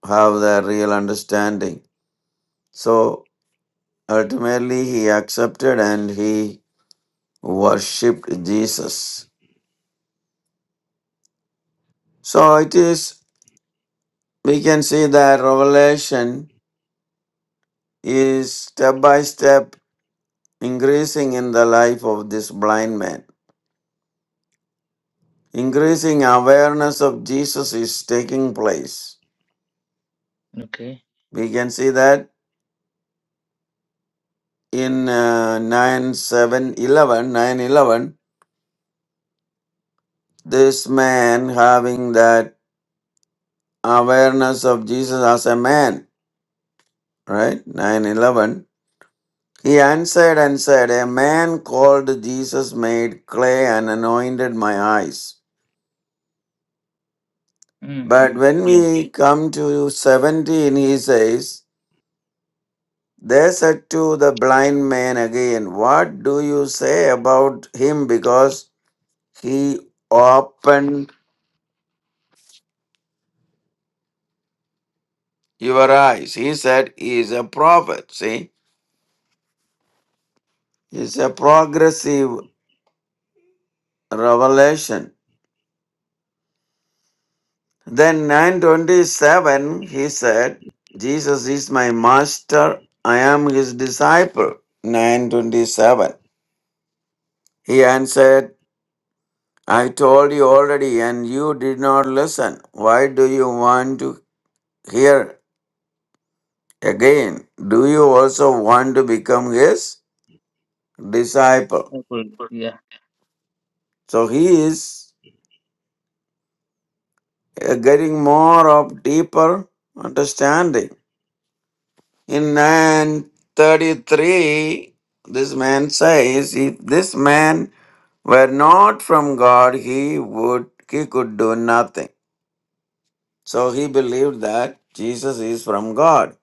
[SPEAKER 2] have the real understanding. So ultimately, he accepted and he worshipped Jesus. So it is, we can see that revelation is step by step increasing in the life of this blind man. Increasing awareness of Jesus is taking place.
[SPEAKER 1] Okay.
[SPEAKER 2] We can see that in uh, 9 7 eleven this man having that awareness of Jesus as a man, right? 911. He answered and said, A man called Jesus made clay and anointed my eyes.
[SPEAKER 1] Mm-hmm.
[SPEAKER 2] But when
[SPEAKER 1] Yeah.
[SPEAKER 2] we come to 17, he says, They said to the blind man again, What do you say about him? Because he opened your eyes. He said, He is a prophet. See, he's a progressive revelation. Then 927 he said, Jesus is my master, I am his disciple. 927. He answered, I told you already and you did not listen. Why do you want to hear again? Do you also want to become his disciple?
[SPEAKER 1] Okay. Yeah.
[SPEAKER 2] So he is uh, getting more of deeper understanding In 933, this man says, If this man were not from God, he would he could do nothing. So he believed that Jesus is from God.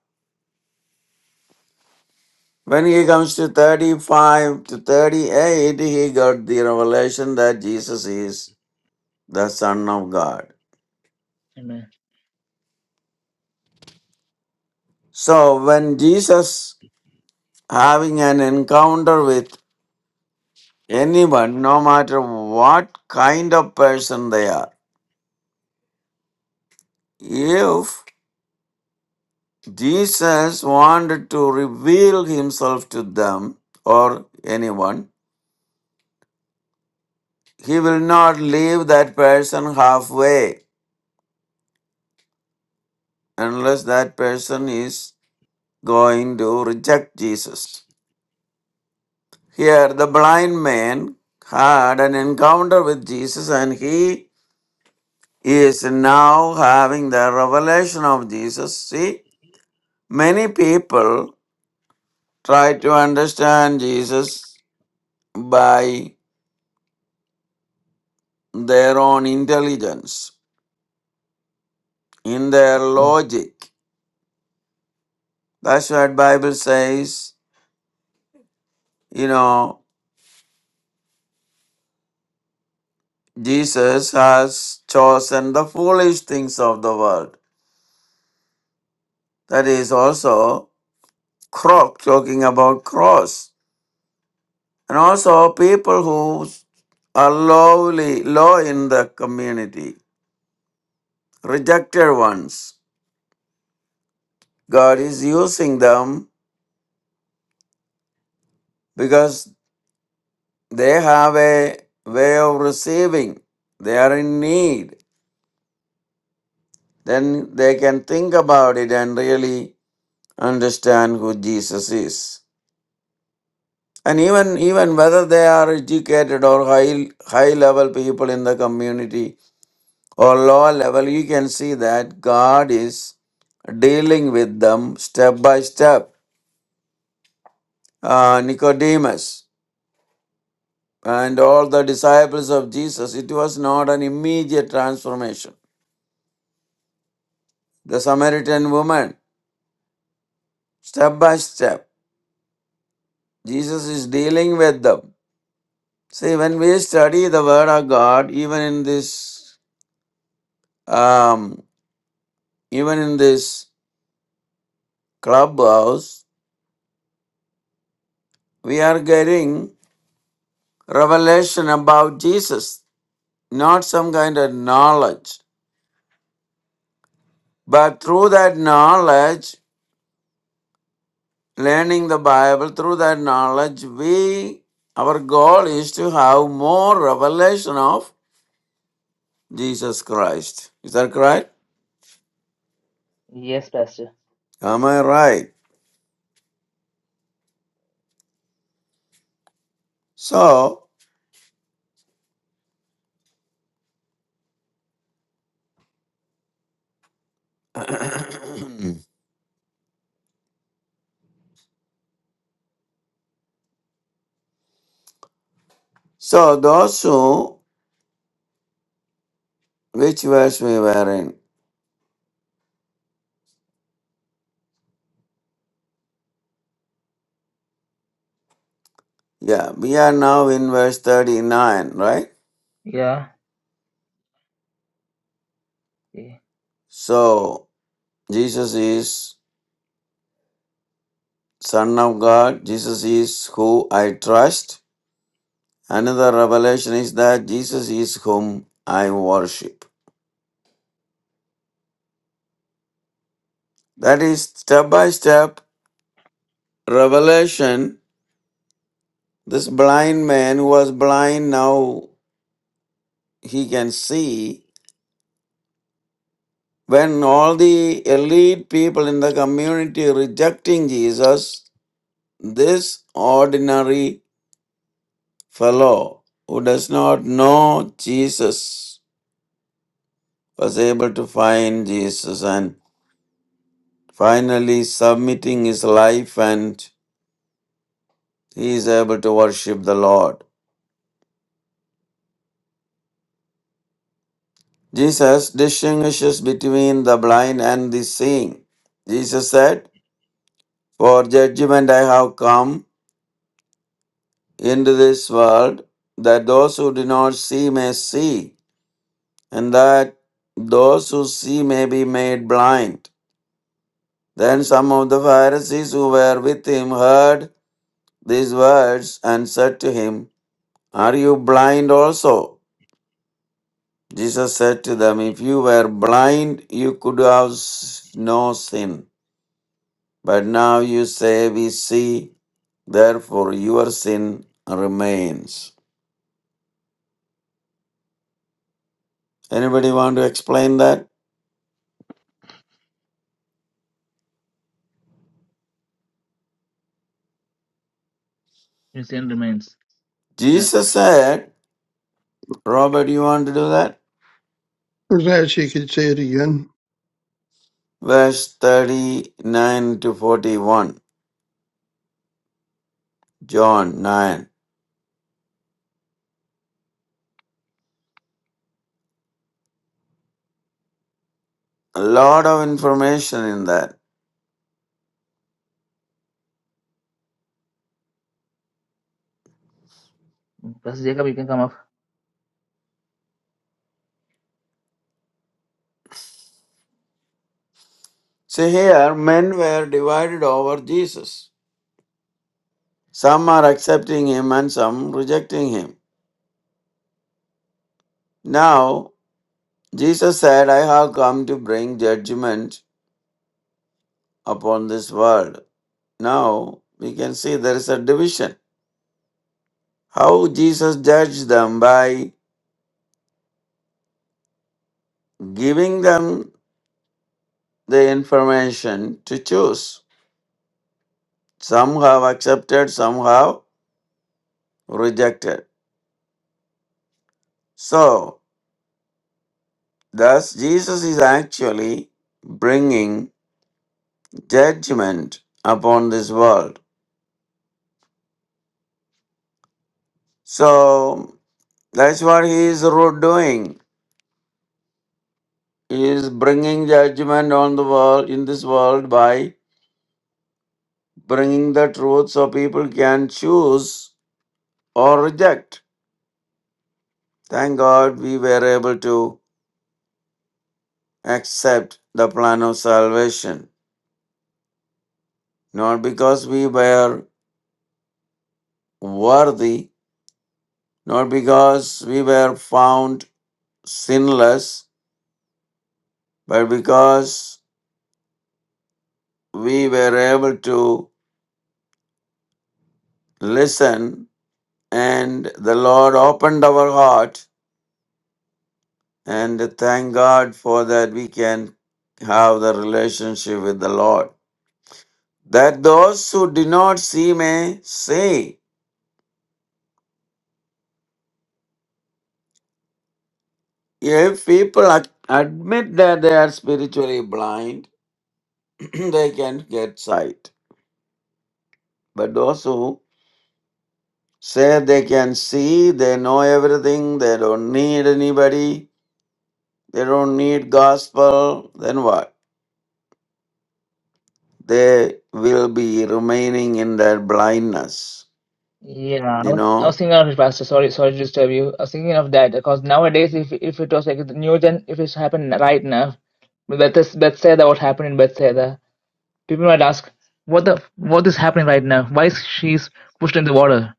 [SPEAKER 2] When he comes to 35 to 38, he got the revelation that Jesus is the Son of God.
[SPEAKER 1] Amen.
[SPEAKER 2] So when Jesus having an encounter with anyone, no matter what kind of person they are, If Jesus wanted to reveal himself to them or anyone, he will not leave that person halfway unless that person is going to reject Jesus. Here, the blind man had an encounter with Jesus and he is now having the revelation of Jesus. See, many people try to understand Jesus by their own intelligence, in their
[SPEAKER 1] Cool.
[SPEAKER 2] logic. That's what Bible says, you know, Jesus has chosen the foolish things of the world. That is also cro- talking about cross. And also people who are lowly, low in the community, rejected ones. God is using them because they have a way of receiving. They are in need then they can think about it and really understand who Jesus is. And even even whether they are educated or high high level people in the community or low level, you can see that God is dealing with them step by step. Uh, Nicodemus and all the disciples of Jesus, it was not an immediate transformation. The Samaritan woman, step by step, Jesus is dealing with them See, when we study the Word of God, even in this, um, even in this clubhouse, we are getting revelation about Jesus, not some kind of knowledge, but through that knowledge, learning the Bible, through that knowledge, we, our goal is to have more revelation of Jesus Christ. Is that correct?
[SPEAKER 1] Yes, Pastor.
[SPEAKER 2] Am I right? So, so those who Which verse we were in? Yeah, we are now in verse 39, right?
[SPEAKER 1] Yeah. Okay.
[SPEAKER 2] So, Jesus is Son of God. Jesus is who I trust. Another revelation is that Jesus is whom I worship. That is step by step revelation. This blind man who was blind now he can see. When all the elite people in the community rejecting Jesus, this ordinary fellow who does not know Jesus was able to find Jesus and finally submitting his life and he is able to worship the Lord. Jesus distinguishes between the blind and the seeing. Jesus said, For judgment I have come into this world that those who do not see may see and that those who see may be made blind. Then some of the Pharisees who were with him heard these words and said to him, Are you blind also? Jesus said to them, If you were blind, you could have s- no sin. But now you say, We see, therefore your sin remains. Anybody want to explain that?
[SPEAKER 1] Christian remains. Uh,
[SPEAKER 2] Jesus said, Robert, you want to do that?
[SPEAKER 5] I'm glad she could say it again.
[SPEAKER 2] Verse 39 to 41, John 9. A lot of information in that.
[SPEAKER 1] Pastor Jacob, you can come up.
[SPEAKER 2] See, here men were divided over Jesus. Some are accepting him and some rejecting him. Now, Jesus said, I have come to bring judgment upon this world. Now, we can see there is a division. How Jesus judged them by giving them the information to choose. Some have accepted, some have rejected. So, Thus, Jesus is actually bringing judgment upon this world. So, that's what he is ro- doing. He is bringing judgment on the world, in this world, by bringing the truth so people can choose or reject. Thank God we were able to accept the plan of salvation. Not because we were worthy, not because we were found sinless, But because we were able to listen and the Lord opened our heart, and thank God for that, we can have the relationship with the Lord. That those who do not see may say, if people ad- admit that they are spiritually blind, they can get sight. But those who say they can see, they know everything, they don't need anybody, They don't need gospel, then what? They will be remaining in their blindness.
[SPEAKER 1] Yeah, I
[SPEAKER 2] You
[SPEAKER 1] was, I was
[SPEAKER 2] know?
[SPEAKER 1] thinking of it, Pastor. Sorry, sorry to disturb you. I was thinking of that because nowadays, if if it was like the new gen, if it's happened right now, Bethesda, Bethesda, what happened in Bethesda, people might ask, what the what is happening right now? Why is she's pushed in the water?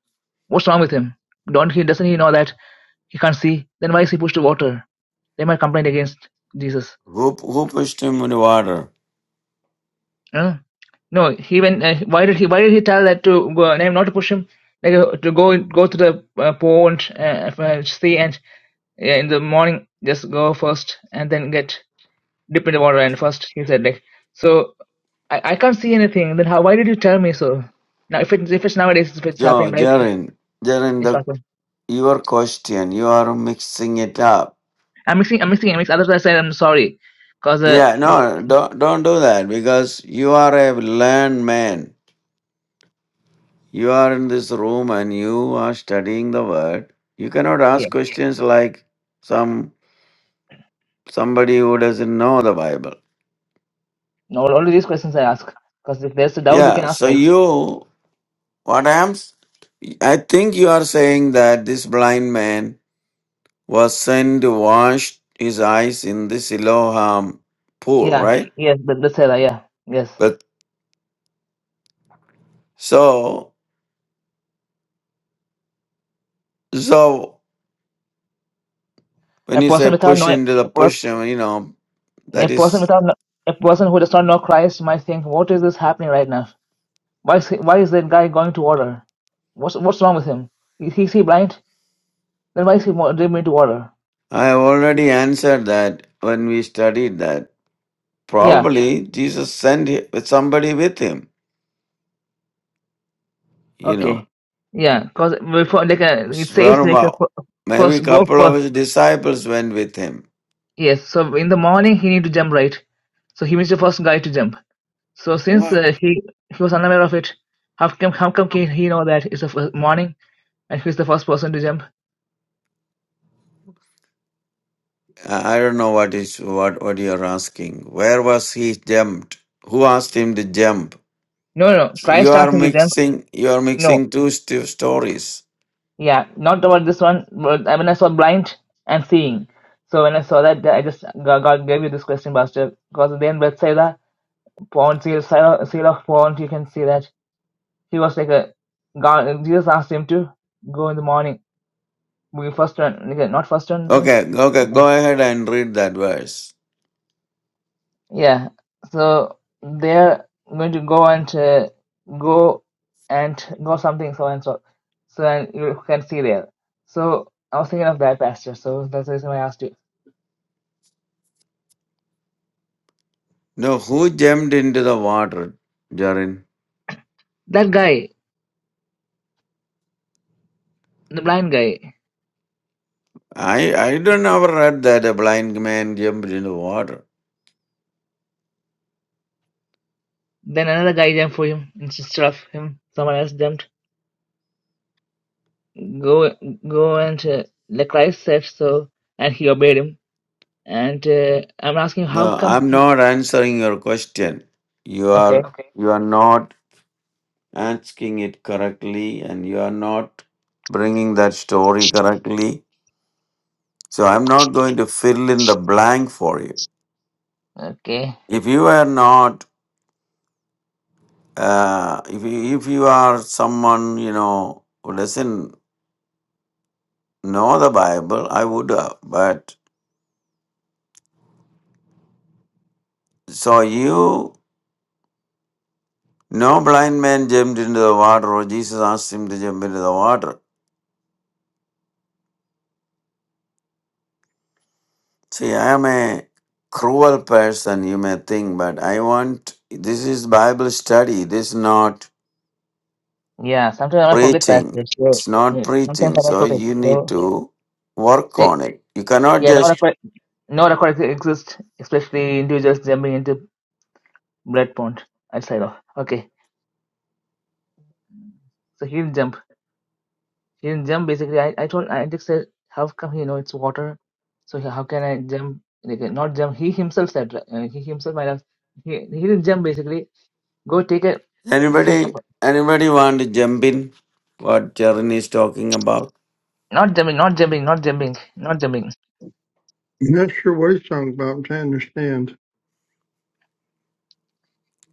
[SPEAKER 1] What's wrong with him? Don't he doesn't he know that he can't see? Then why is he pushed to water? They might complain against Jesus.
[SPEAKER 2] Who who pushed him in the water?
[SPEAKER 1] Uh, no, he went. Uh, why did he? Why did he tell that to go, name not to push him, like uh, to go go to the uh, pond, uh, uh, see, and yeah, in the morning just go first and then get dip in the water and first he said like so I, I can't see anything. Then how? Why did you tell me so? Now if it's if it's nowadays if it's
[SPEAKER 2] Jo
[SPEAKER 1] happening right now,
[SPEAKER 2] Jaren. Jaren
[SPEAKER 1] it's
[SPEAKER 2] the
[SPEAKER 1] possible.
[SPEAKER 2] your question, you are mixing it up.
[SPEAKER 1] I'm mixing. I'm mixing. I'm mixing. Otherwise I said I'm sorry, cause uh,
[SPEAKER 2] Yeah,
[SPEAKER 1] this,
[SPEAKER 2] no, don't don't do that because you are a learned man. You are in this room and you are studying the word. You cannot
[SPEAKER 1] yeah,
[SPEAKER 2] ask questions like some somebody who doesn't know the Bible.
[SPEAKER 1] no, only these questions I ask. Cause if there's a doubt, we
[SPEAKER 2] Yeah,
[SPEAKER 1] can ask
[SPEAKER 2] so
[SPEAKER 1] right.
[SPEAKER 2] you What happens? I think you are saying that this blind man was sent to wash his eyes in the Siloam pool,
[SPEAKER 1] Yeah,
[SPEAKER 2] right?
[SPEAKER 1] yes, the, the seller. Yeah, yes.
[SPEAKER 2] But so so when
[SPEAKER 1] A
[SPEAKER 2] you
[SPEAKER 1] person
[SPEAKER 2] say
[SPEAKER 1] without
[SPEAKER 2] push
[SPEAKER 1] knowing
[SPEAKER 2] into the
[SPEAKER 1] a, per,
[SPEAKER 2] push, I mean, you know that
[SPEAKER 1] a person
[SPEAKER 2] is.
[SPEAKER 1] without kno- a person who does not know Christ might think, "What is this happening right now? Why is he, why is that guy going to water? What's what's wrong with him? Is he, is he blind? Then why is he mo- dribbling to water?"
[SPEAKER 2] I already answered that when we studied that.
[SPEAKER 1] Yeah.
[SPEAKER 2] Probably Jesus sent hi- with somebody with him. You know,
[SPEAKER 1] Okay. Yeah. Because before like uh, it
[SPEAKER 2] swear
[SPEAKER 1] says like a
[SPEAKER 2] about
[SPEAKER 1] fir-
[SPEAKER 2] maybe a
[SPEAKER 1] first go
[SPEAKER 2] couple of
[SPEAKER 1] first.
[SPEAKER 2] his disciples went with him.
[SPEAKER 1] Yes. So in the morning he need to jump right. So he was the first guy to jump. So since
[SPEAKER 2] What?
[SPEAKER 1] uh, he he was unaware of it, how come how come can he know that it's the first morning and he's the first person to jump?
[SPEAKER 2] I I don't know what is what what you are asking. Where was he jumped? Who asked him to jump?
[SPEAKER 1] No, no. no.
[SPEAKER 2] You
[SPEAKER 1] Christ
[SPEAKER 2] are
[SPEAKER 1] asking to them.
[SPEAKER 2] mixing. You are
[SPEAKER 1] No.
[SPEAKER 2] mixing two st- stories.
[SPEAKER 1] Yeah, not about this one. But I mean, I saw blind and seeing. So when I saw that, I just God, God gave you this question, Pastor. Because then Bethsaida, Pond, seal, seal of seal of Pond, you can see that he was like a God. Jesus asked him to go in the morning. We first one, like, not first one, since.
[SPEAKER 2] Okay, okay. Go ahead and read that verse.
[SPEAKER 1] Yeah, so they're going to go and uh, go and go something so and so. So and you can see there. So I was thinking of that pastor. So that's the reason I asked you.
[SPEAKER 2] No, who jumped into the water, Jarin?
[SPEAKER 1] That guy, the blind guy.
[SPEAKER 2] I I don't ever read that a blind man jumped into water.
[SPEAKER 1] Then another guy jumped for him instead of him. Someone else jumped. Go, go and uh, the Christ said so, and he obeyed him. And uh, I'm asking how
[SPEAKER 2] No,
[SPEAKER 1] come?
[SPEAKER 2] I'm not answering your question. You are
[SPEAKER 1] Okay,
[SPEAKER 2] okay. you are not asking it correctly, and you are not bringing that story correctly So I'm not going to fill in the blank for you.
[SPEAKER 1] okay,
[SPEAKER 2] If you are not, uh, if you, if you are someone you know who doesn't know the Bible, I would have. But so you, no blind man jumped into the water, or Jesus asked him to jump into the water. See, I am a cruel person, you may think, but I want this is Bible study. This is not
[SPEAKER 1] yeah. Sometimes I forget
[SPEAKER 2] preaching.
[SPEAKER 1] pastors. So
[SPEAKER 2] It's not
[SPEAKER 1] yeah, sometimes
[SPEAKER 2] preaching.
[SPEAKER 1] I
[SPEAKER 2] So
[SPEAKER 1] forget.
[SPEAKER 2] you need
[SPEAKER 1] So.
[SPEAKER 2] to work on it. You cannot
[SPEAKER 1] Yeah, no
[SPEAKER 2] just
[SPEAKER 1] record, no record ex- exists, especially individuals jumping into blood pond outside of. Okay, so he didn't jump. He didn't jump. Basically, I, I told I just said, how come you know it's water? So he- how can I jump? Like, uh, not jump. He himself said right? uh, he himself might have. He, he didn't jump. Basically, go take a. This is-
[SPEAKER 2] Anybody, anybody want to jump in? What Charan is talking about?
[SPEAKER 1] not jumping. Not jumping. Not jumping. Not jumping.
[SPEAKER 5] I'm not sure what he's talking about, but i understand.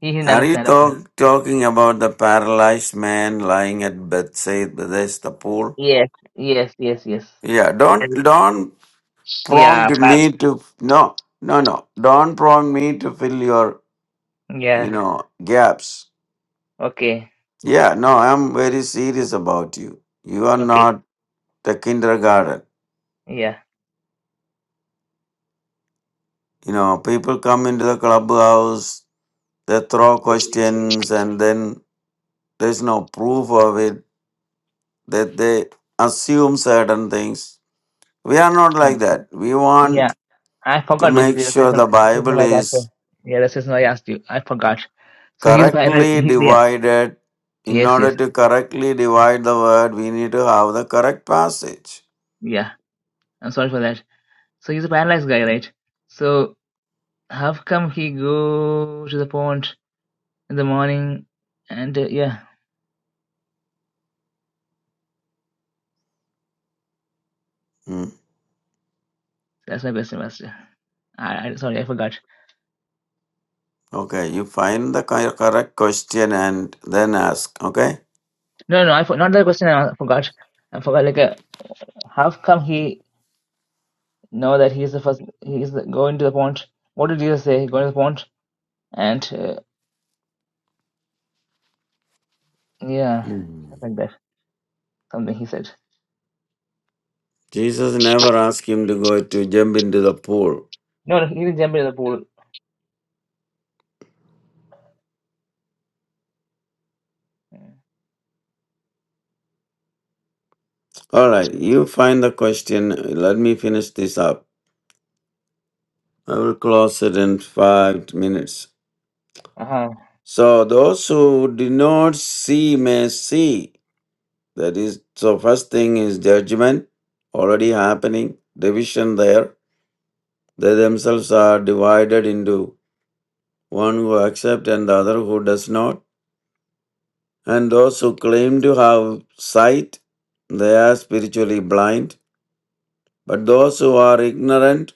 [SPEAKER 1] He didn't
[SPEAKER 2] Are you
[SPEAKER 1] understand. Okay.
[SPEAKER 2] talk, talking about the paralyzed man lying at Bethsaida, Bethesda pool?
[SPEAKER 1] Yes. Yes. Yes. Yes.
[SPEAKER 2] Yeah, don't
[SPEAKER 1] Sorry.
[SPEAKER 2] don't prompt
[SPEAKER 1] Yeah. pa-
[SPEAKER 2] me to no no no. Don't prompt me to fill your you
[SPEAKER 1] Yeah.
[SPEAKER 2] know gaps.
[SPEAKER 1] Okay.
[SPEAKER 2] Yeah, no, I'm very serious about you. You are
[SPEAKER 1] Okay.
[SPEAKER 2] not the kindergarten.
[SPEAKER 1] Yeah.
[SPEAKER 2] You know, people come into the clubhouse, they throw questions, and then There's no proof of it that they assume certain things. We are not like that. We
[SPEAKER 1] Yeah,
[SPEAKER 2] want
[SPEAKER 1] I
[SPEAKER 2] to
[SPEAKER 1] forgot
[SPEAKER 2] make
[SPEAKER 1] basically. That's the
[SPEAKER 2] sure
[SPEAKER 1] reason
[SPEAKER 2] the
[SPEAKER 1] the reason
[SPEAKER 2] Bible
[SPEAKER 1] why I asked
[SPEAKER 2] is
[SPEAKER 1] you. Yeah, that's the reason why I asked you. I forgot. So he's a para-
[SPEAKER 2] correctly
[SPEAKER 1] he's yeah.
[SPEAKER 2] divided. In
[SPEAKER 1] Yes, yes.
[SPEAKER 2] order to correctly divide the word, we need to have the correct passage.
[SPEAKER 1] Yeah. I'm sorry for that. So he's a paralyzed guy, right? So how come he go to the pond in the morning? And uh, yeah,
[SPEAKER 2] Hmm.
[SPEAKER 1] that's my question, Master. I, I sorry, I forgot.
[SPEAKER 2] Okay, you find the cor- correct question and then ask. Okay?
[SPEAKER 1] No, no, I for, not the question. I forgot. I forgot. Like, uh, how come he know that he's the first? He's the, going to the pond. What did Jesus say? Going to the pond and uh, yeah,
[SPEAKER 2] Hmm.
[SPEAKER 1] stuff like that. something he said.
[SPEAKER 2] Jesus never asked him to go to jump into the pool.
[SPEAKER 1] No, no, he didn't jump into the pool.
[SPEAKER 2] All right, you find the question. Let me finish this up. I will close it in five minutes.
[SPEAKER 1] Uh huh.
[SPEAKER 2] So those who did not see may see. That is, so first thing is judgment already happening, division there. They themselves are divided into one who accept and the other who does not. And those who claim to have sight, they are spiritually blind. But those who are ignorant,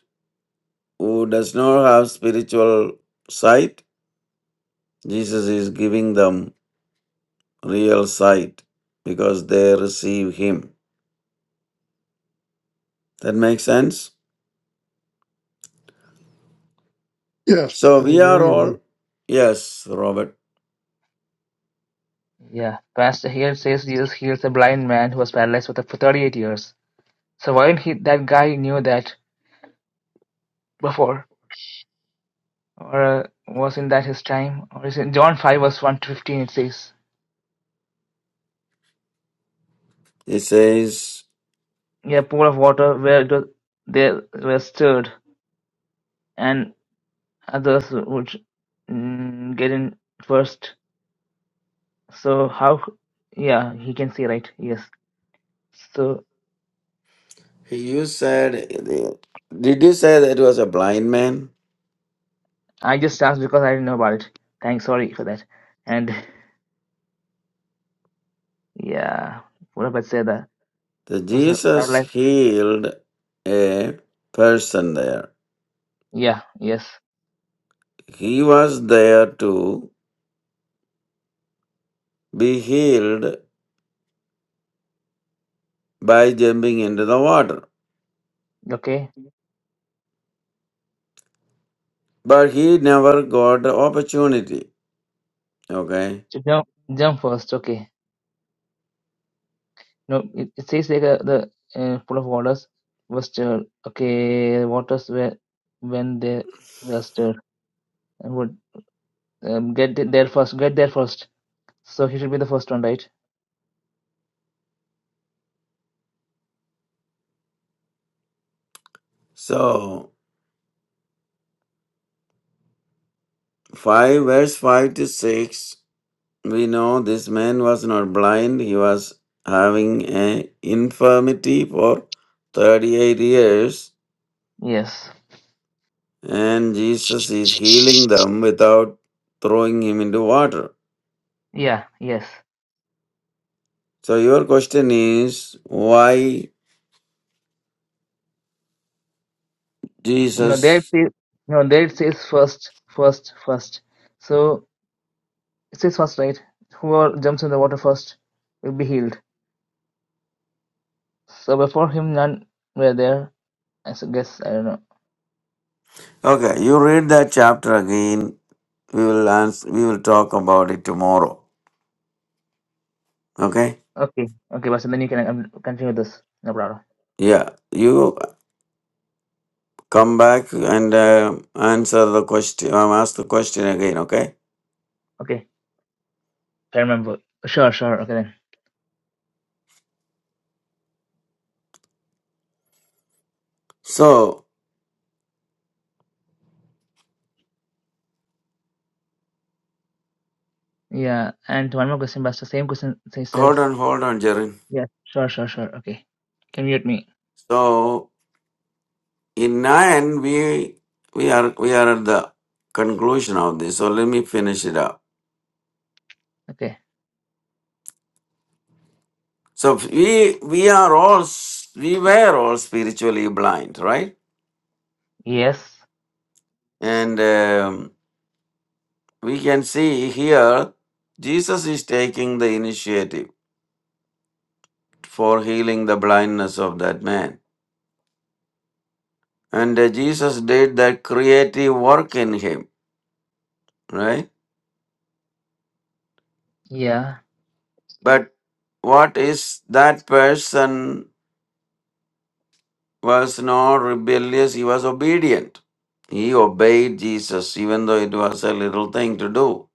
[SPEAKER 2] who does not have spiritual sight, Jesus is giving them real sight because they receive him. That makes sense?
[SPEAKER 5] Yes,
[SPEAKER 2] So we
[SPEAKER 5] there's a
[SPEAKER 2] are all,
[SPEAKER 5] reason.
[SPEAKER 2] yes, Robert.
[SPEAKER 1] Yeah. Pastor here says Jesus heals a blind man who was paralyzed for, the, for 38 years. So why didn't he, that guy knew that before? Or uh, wasn't that his time? Or is in John 5 verse 1 to 15 it says,
[SPEAKER 2] It says,
[SPEAKER 1] Yeah, pool of water where it was, they were stirred and others would mm, get in first. So how, yeah, he can see right, yes. So
[SPEAKER 2] you said, did you say that it was a blind man?
[SPEAKER 1] I just asked because I didn't know about it. Thanks, sorry for that. And Yeah, what पूरा say that?
[SPEAKER 2] That
[SPEAKER 1] Was a
[SPEAKER 2] Jesus
[SPEAKER 1] paralyzed
[SPEAKER 2] healed a person there.
[SPEAKER 1] yeah yes
[SPEAKER 2] He was there to be healed by jumping into the water,
[SPEAKER 1] okay
[SPEAKER 2] but he never got the opportunity. Okay,
[SPEAKER 1] so jump jump first okay no it, it says like uh, the uh, pool of waters was stirred okay waters were when they were stirred and would um, get th- there first get there first so he should be the first one right
[SPEAKER 2] so 5 verse 5 to 6 we know this man was not blind he was having an infirmity for 38 years
[SPEAKER 1] yes
[SPEAKER 2] and jesus is healing them without throwing him into water
[SPEAKER 1] yeah yes
[SPEAKER 2] so your question is why
[SPEAKER 1] no there it
[SPEAKER 2] jesus
[SPEAKER 1] says, no there it says first first first so it says first right whoever jumps in the water first will be healed So before him, none were there. I s- guess I don't know.
[SPEAKER 2] okay you read that chapter again we will answer we will talk about it tomorrow okay
[SPEAKER 1] Okay, okay, but so then you can um, continue with this. No problem.
[SPEAKER 2] yeah you come back and uh, answer the question um, ask the question again okay
[SPEAKER 1] Okay, I remember. Sure, sure. Okay then.
[SPEAKER 2] so
[SPEAKER 1] Yeah, and one more question, Buster. Same question to yourself.
[SPEAKER 2] Hold on, hold on, Jaren.
[SPEAKER 1] Yeah. Sure, sure, sure. Okay. Can mute me.
[SPEAKER 2] So in nine, we we are we are at the conclusion of this. So let me finish it up.
[SPEAKER 1] Okay.
[SPEAKER 2] So we we are all s- we were all spiritually blind, right?
[SPEAKER 1] Yes.
[SPEAKER 2] And um, we can see here Jesus is taking the initiative for healing the blindness of that man, and uh, Jesus did that creative work in him, right?
[SPEAKER 1] Yeah.
[SPEAKER 2] But what is that person? was not rebellious, he was obedient. He obeyed Jesus, even though it was a little thing to do.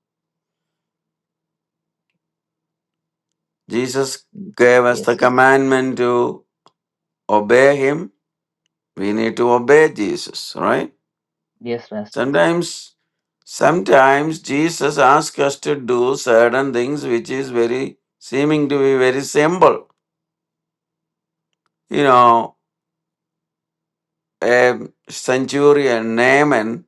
[SPEAKER 2] Jesus
[SPEAKER 1] Y-
[SPEAKER 2] gave us the
[SPEAKER 1] Yes.
[SPEAKER 2] commandment to obey him. We need to obey Jesus, right?
[SPEAKER 1] Yes, pastor.
[SPEAKER 2] Sometimes, sometimes Jesus asks us to do certain things which is very, seeming to be very simple. You know, a centurion, Naaman,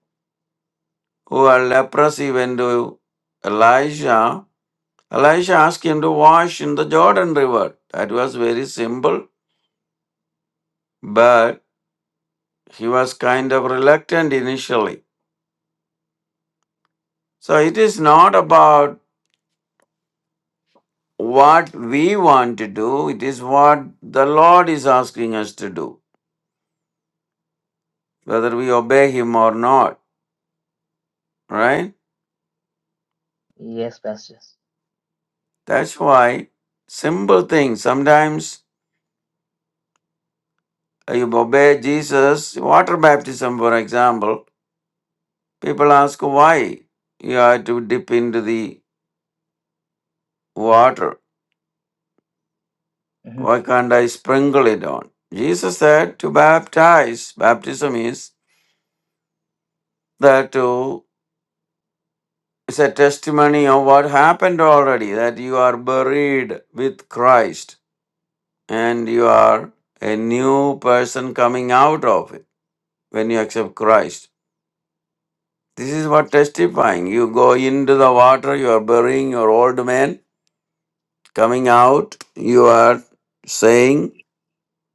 [SPEAKER 2] who are leprosy, went to Elijah Elisha asked him to wash in the Jordan River. That was very simple, but he was kind of reluctant initially. So it is not about what we want to do, it is what the Lord is asking us to do, whether we obey Him or not, right?
[SPEAKER 1] Yes, pastor.
[SPEAKER 2] That's why simple things sometimes you obey Jesus, water baptism, for example, people ask why you have to dip into the water
[SPEAKER 1] Mm-hmm.
[SPEAKER 2] Why can't I sprinkle it on? Jesus said to baptize. Baptism is that to is a testimony of what happened already, that you are buried with Christ and you are a new person coming out of it when you accept Christ. This is what testifying. You go into the water, you are burying your old man, coming out, you are saying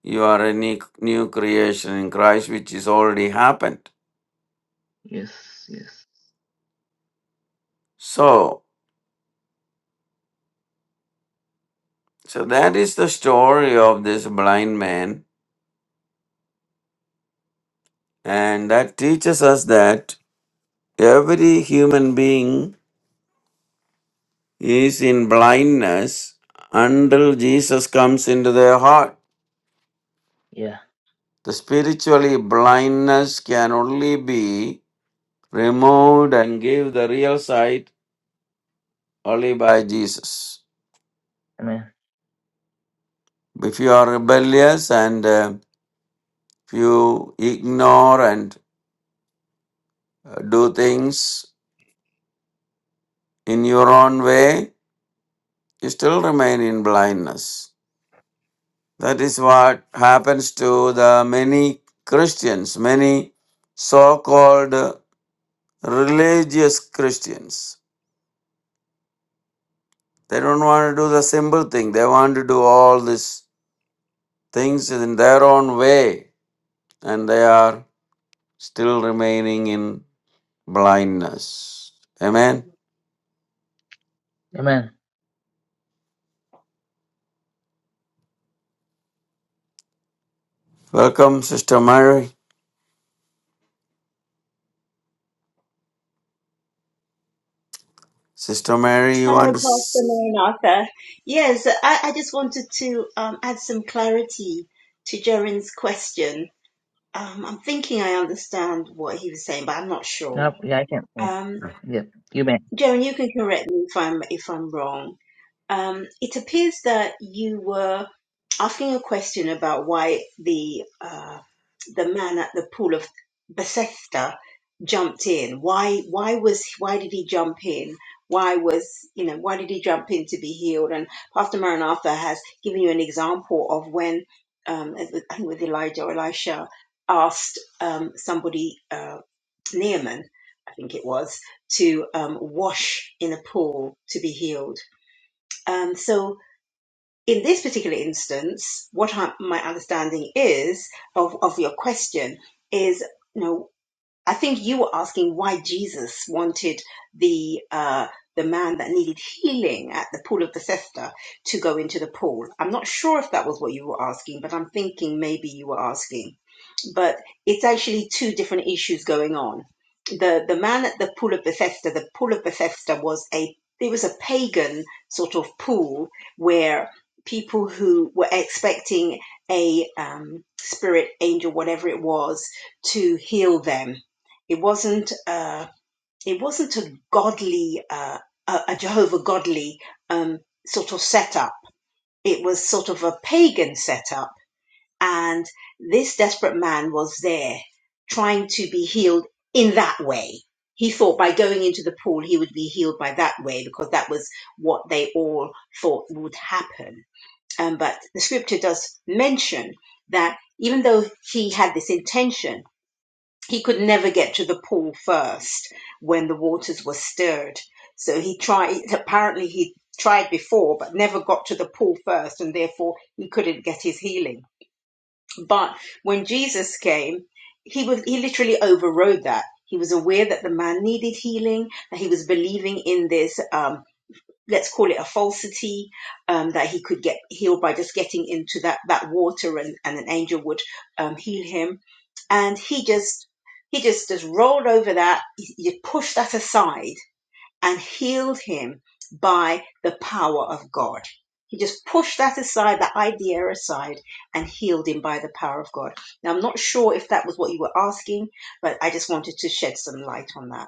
[SPEAKER 2] you are a ne- new creation in Christ, which is already happened.
[SPEAKER 1] Yes. Yes.
[SPEAKER 2] So So that is the story of this blind man, and that teaches us that every human being is in blindness until Jesus comes into their heart.
[SPEAKER 1] Yeah.
[SPEAKER 2] The spiritually blindness can only be removed and give the real sight only by Jesus.
[SPEAKER 1] Amen.
[SPEAKER 2] If you are rebellious and uh, if you ignore and uh, do things in your own way, you still remain in blindness. That is what happens to the many Christians, many so called religious Christians. They don't want to do the simple thing, they want to do all these things in their own way, and they are still remaining in blindness. Amen.
[SPEAKER 1] Amen.
[SPEAKER 2] Welcome, Sister Mary. Sister Mary, you want
[SPEAKER 6] Hello,
[SPEAKER 2] to. s-
[SPEAKER 6] Pastor Lauren Arthur. Yes, I, I just wanted to um, add some clarity to Jaren's question. Um, I'm thinking I understand what he was saying, but I'm not sure.
[SPEAKER 1] No, yeah, I can. Yeah.
[SPEAKER 6] Um,
[SPEAKER 1] Yeah. You may.
[SPEAKER 6] Jaren, you can correct me if I'm if I'm wrong. Um, it appears that you were asking a question about why the uh, the man at the pool of Bethesda jumped in. Why why was why did he jump in? Why was you know why did he jump in to be healed? And Pastor Maranatha has given you an example of when um, I think with Elijah or Elisha asked um, somebody uh, Naaman I think it was to um, wash in a pool to be healed. Um, so in this particular instance, what I, my understanding is of, of your question is, you know, I think you were asking why Jesus wanted the uh, the man that needed healing at the pool of Bethesda to go into the pool. I'm not sure if that was what you were asking, but I'm thinking maybe you were asking. But it's actually two different issues going on. The the man at the pool of Bethesda, the pool of Bethesda was a it was a pagan sort of pool where people who were expecting a um, spirit angel, whatever it was, to heal them it wasn't uh, it wasn't a godly uh, a, a Jehovah godly um, sort of setup. It was sort of a pagan setup, and this desperate man was there trying to be healed in that way. He thought by going into the pool he would be healed by that way because that was what they all thought would happen. Um, but the scripture does mention that even though he had this intention, he could never get to the pool first when the waters were stirred. So he tried, apparently, he tried before, but never got to the pool first, and therefore he couldn't get his healing. But when Jesus came, he was he literally overrode that. He was aware that the man needed healing, that he was believing in this. um, let's call it a falsity um, that he could get healed by just getting into that that water and, and an angel would um, heal him and he just he just just rolled over that you pushed that aside and healed him by the power of god he just pushed that aside that idea aside and healed him by the power of god now i'm not sure if that was what you were asking but i just wanted to shed some light on that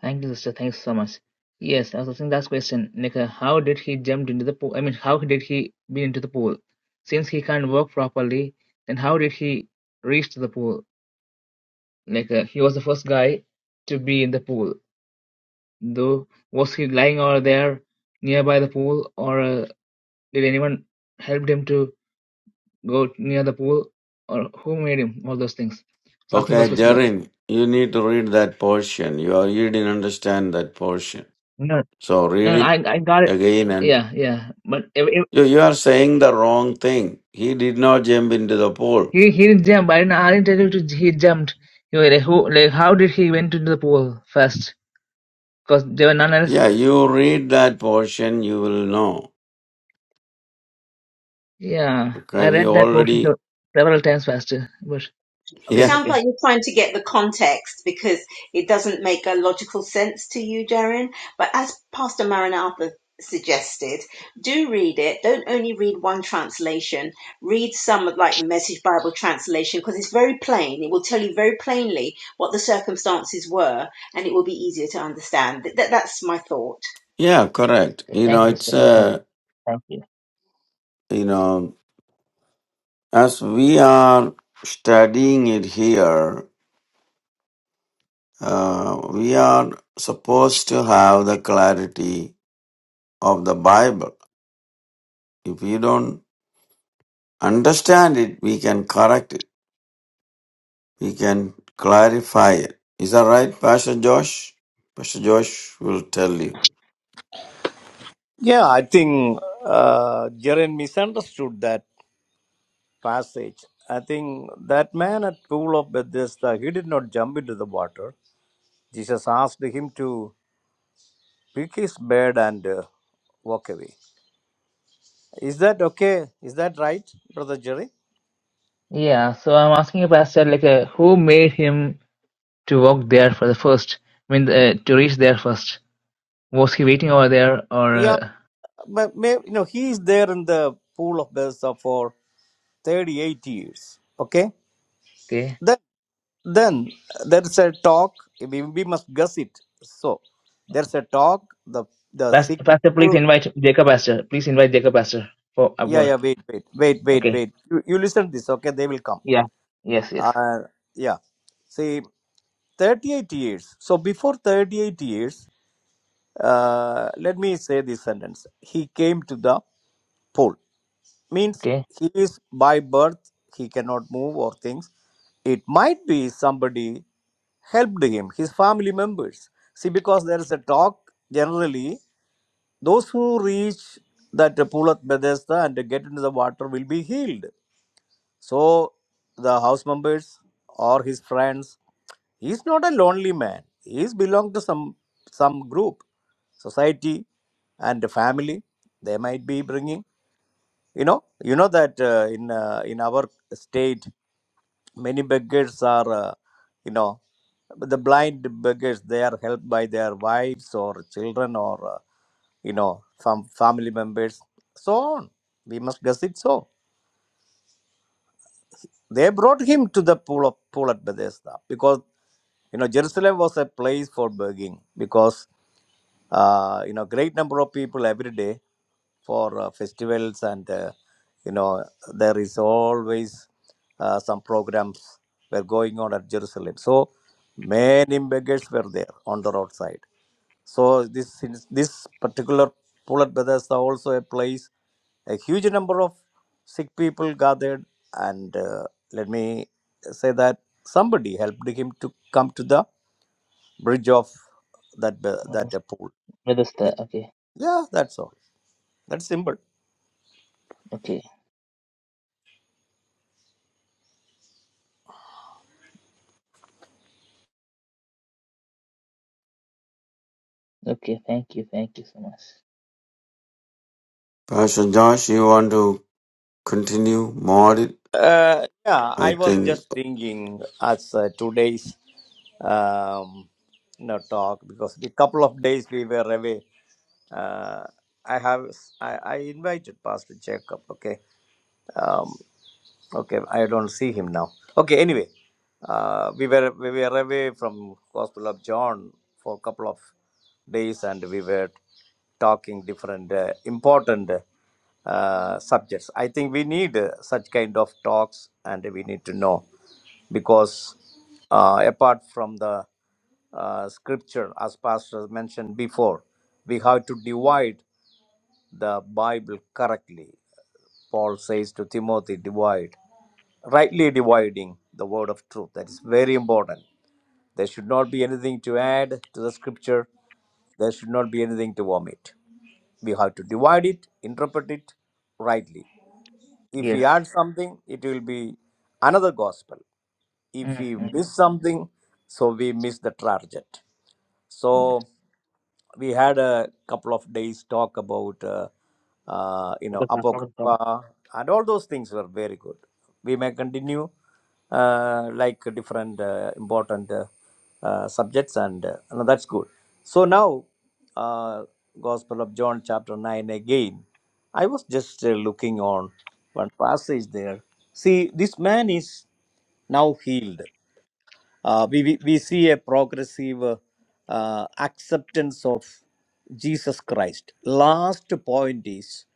[SPEAKER 1] Thank you, sister. Thanks so much. Yes, I was asking that question. Like, uh, how did he jump into the pool? I mean, how did he be into the pool? Since he can't walk properly, then how did he reach to the pool? Like, uh, he was the first guy to be in the pool. Though, was he lying over there nearby the pool, or uh, did anyone help him to go near the pool, or who made him? All those things. So asking
[SPEAKER 2] Okay,
[SPEAKER 1] those questions. But
[SPEAKER 2] Jarin, you need to read that portion. You, are, you didn't understand that portion.
[SPEAKER 1] no, no,
[SPEAKER 2] So
[SPEAKER 1] no,
[SPEAKER 2] read it
[SPEAKER 1] I, I got it.
[SPEAKER 2] again and
[SPEAKER 1] Yeah, yeah. But ev-
[SPEAKER 2] you, you are saying the wrong thing. He did not jump into the pool.
[SPEAKER 1] He he jumped. I didn't I didn't tell you to, he jumped. You were like, who, like how did he went into the pool first? Because there were none else.
[SPEAKER 2] Yeah, you read that portion, you will know.
[SPEAKER 1] Yeah,
[SPEAKER 2] Okay,
[SPEAKER 1] I
[SPEAKER 2] we
[SPEAKER 1] read that portion se-
[SPEAKER 2] already,
[SPEAKER 1] several times faster. But
[SPEAKER 6] it
[SPEAKER 2] yeah,
[SPEAKER 1] okay,
[SPEAKER 6] sounds
[SPEAKER 1] okay,
[SPEAKER 6] like you're trying to get the context because it doesn't make a logical sense to you, Darren. But as Pastor Maranatha suggested, do read it. Don't only read one translation. Read some of like the Message Bible translation because it's very plain. It will tell you very plainly what the circumstances were and it will be easier to understand. Th- th- that's my thought.
[SPEAKER 2] yeah, correct.
[SPEAKER 1] okay.
[SPEAKER 2] You
[SPEAKER 1] Thank
[SPEAKER 2] know,
[SPEAKER 1] you,
[SPEAKER 2] it's
[SPEAKER 1] Pastor. Confirm.
[SPEAKER 2] uh,
[SPEAKER 1] Thank you.
[SPEAKER 2] you know, as we are studying it here, uh, we are supposed to have the clarity of the Bible. If you don't understand it, we can correct it. We can clarify it. Is that right, Pastor Josh? Pastor Josh will tell you.
[SPEAKER 3] Yeah, I think uh, Jaren misunderstood that passage. I think that man at pool of Bethesda, he did not jump into the water. Jesus asked him to pick his bed and uh, walk away. Is that okay? Is that right, Brother Jerry?
[SPEAKER 1] Yeah. So I'm asking you, Pastor, like, uh, who made him to walk there for the first? I mean, uh, to reach there first. Was he waiting over there, or
[SPEAKER 3] Yeah,
[SPEAKER 1] uh,
[SPEAKER 3] but may, you know, he is there in the pool of Bethesda for 38 years. Okay?
[SPEAKER 1] okay?
[SPEAKER 3] Then, then there's a talk. We, we must guess it. So, there's a talk. The the sick
[SPEAKER 1] Pastor, Pastor, please
[SPEAKER 3] people.
[SPEAKER 1] invite Jacob, Pastor. Please invite Jacob, Pastor, for a
[SPEAKER 3] Yeah,
[SPEAKER 1] word.
[SPEAKER 3] yeah, wait, wait, wait, wait,
[SPEAKER 1] Okay.
[SPEAKER 3] wait. You, you listen to this, okay? They will come.
[SPEAKER 1] Yeah. Yes. Yes.
[SPEAKER 3] Uh, yeah. See, 38 years. So, before 38 years, Uh, let me say this sentence. He came to the pole. Means
[SPEAKER 1] Okay.
[SPEAKER 3] he is by birth, he cannot move or things. It might be somebody helped him, his family members. See, because there is a talk generally, those who reach that pool at Bethesda and get into the water will be healed. So the house members or his friends He's not a lonely man. He's belong to some some group, society, and the family. They might be bringing. You know, you know that uh, in uh, in our state, many beggars are, uh, you know, the blind beggars. They are helped by their wives or children or uh, you know some family members. So on. We must guess it so. They brought him to the pool of pool at Bethesda because you know jerusalem was a place for begging because uh, you know great number of people every day for uh, festivals and uh, you know there is always uh, some programs were going on at jerusalem so many beggars were there on the roadside so this this particular Pulat Brothers also a place a huge number of sick people gathered and uh, let me say that somebody helped him to come to the bridge of that be- that uh, pool.
[SPEAKER 1] Vedasta, okay,
[SPEAKER 3] Yeah, that's all. That's simple.
[SPEAKER 1] okay, okay. Thank you, thank you so much.
[SPEAKER 2] Pastor Josh, you want to continue more it?
[SPEAKER 3] Uh, yeah,
[SPEAKER 2] I
[SPEAKER 3] I was
[SPEAKER 2] think.
[SPEAKER 3] just thinking as uh, today's um, you know, talk because the couple of days we were away. Uh, I have I, I invited Pastor Jacob. Okay, um, Okay, I don't see him now. Okay, anyway, uh, we were we were away from Gospel of John for a couple of days, and we were talking different uh, important uh, subjects. I think we need uh, such kind of talks, and we need to know because uh, apart from the uh, scripture, as Pastor mentioned before, we have to divide the Bible correctly. Paul says to Timothy, divide rightly dividing the word of truth. That is very important. There should not be anything to add to the scripture, there should not be anything to omit. We have to divide it, interpret it rightly. If we
[SPEAKER 1] Yes.
[SPEAKER 3] add something, it will be another gospel. If we
[SPEAKER 1] Mm-hmm.
[SPEAKER 3] miss something, so we miss the target.
[SPEAKER 1] Yes.
[SPEAKER 3] So we had a couple of days talk about uh, uh, you know
[SPEAKER 1] Focus on, focus on.
[SPEAKER 3] apocrypha and all those things were very good. We may continue uh, like different uh, important uh, uh, subjects and uh, no, that's good. So now uh, Gospel of John chapter nine again. I was just uh, looking on one passage there. See, this man is now healed. Uh, we, we, we see a progressive uh, uh, acceptance of Jesus Christ. Last point is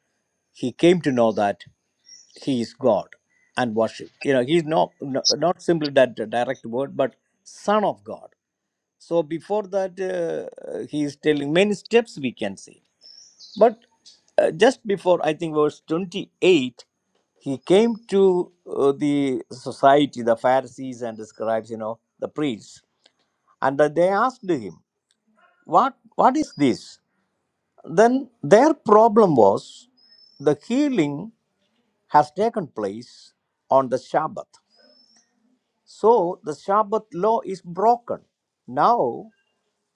[SPEAKER 3] he came to know that he is God and worship. You know, he's not, no, not simply that direct word, but Son of God. So before that, uh, he is telling many steps we can see. But uh, just before, I think, verse 28, he came to uh, the society, the Pharisees and the scribes, you know, the priests and uh, they asked him, what, what is this? Then their problem was the healing has taken place on the Sabbath. So the Sabbath law is broken. Now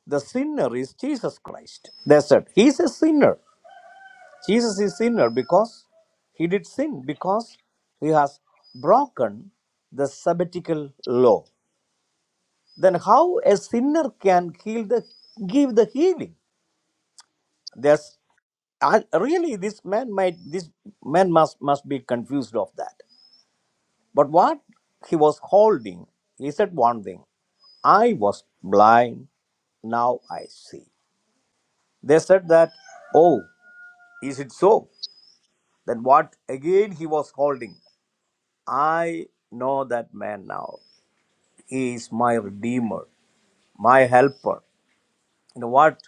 [SPEAKER 3] the sinner is Jesus Christ. They said, He's a sinner. Jesus is sinner because he did sin, because he has broken the sabbatical law. Then how a sinner can heal the give the healing? There's I, really this man might this man must must be confused of that. But what he was holding, he said one thing. I was blind, now I see. They said that, oh, is it so? Then what again he was holding? I know that man now. He is my redeemer, my helper. You know what?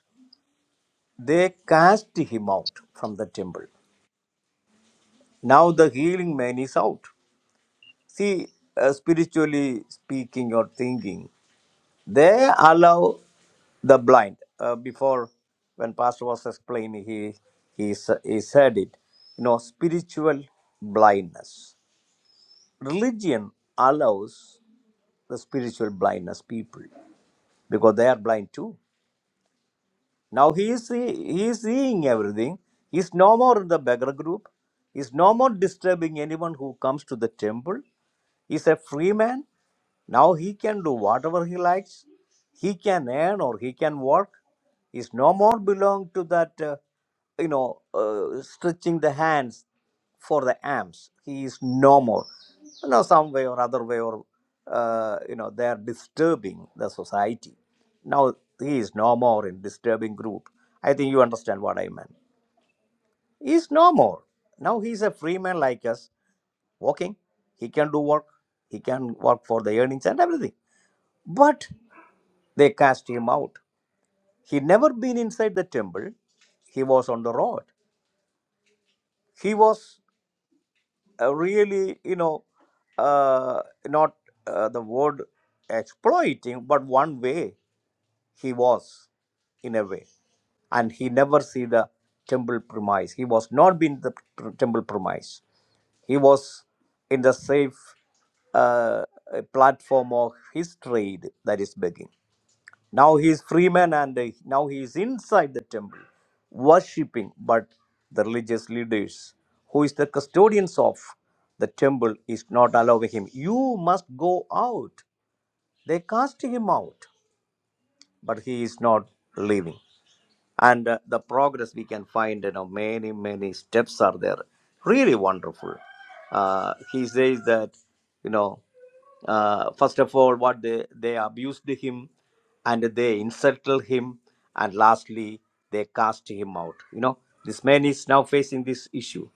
[SPEAKER 3] They cast him out from the temple. Now the healing man is out. See, uh, spiritually speaking or thinking, they allow the blind. Uh, before, when Pastor was explaining, he, he, s- he said it. You know, spiritual blindness. Religion allows the spiritual blindness people because they are blind too. Now he is, see, he is seeing everything. He is no more in the beggar group. He is no more disturbing anyone who comes to the temple Is a free man. Now he can do whatever he likes. He can earn or he can work. is no more belong to that, uh, you know, uh, stretching the hands for the arms. He is no more. You know, some way or other way or, uh, you know, they are disturbing the society. Now he is no more in disturbing group. I think you understand what I meant. He is no more. Now he is a free man like us walking, he can do work, he can work for the earnings and everything. But they cast him out. He never been inside the temple, he was on the road. He was uh, really, you know, uh, not uh, the word exploiting, but one way he was in a way. And he never see the temple premise. He was not been the pr- temple premise. He was in the safe uh, platform of his trade, that is begging. Now he is free man and uh, now he is inside the temple, worshipping. But the religious leaders, who is the custodians of the temple, is not allowing him. You must go out. They cast him out, but he is not leaving and uh, the progress we can find you know many many steps are there really wonderful uh, he says that you know uh, first of all what they they abused him and they insulted him and lastly they cast him out you know this man is now facing this issue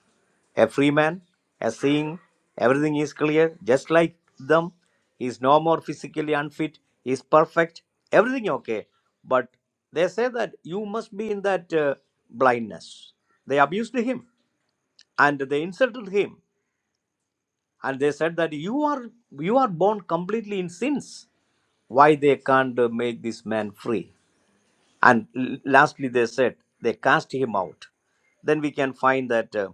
[SPEAKER 3] a free man, a seeing, everything is clear, just like them. He is no more physically unfit, he is perfect, everything okay. But they say that you must be in that uh, blindness. They abused him and they insulted him and they said that you are you are born completely in sins. Why they can't uh, make this man free? And l- lastly, they said they cast him out. Then we can find that uh,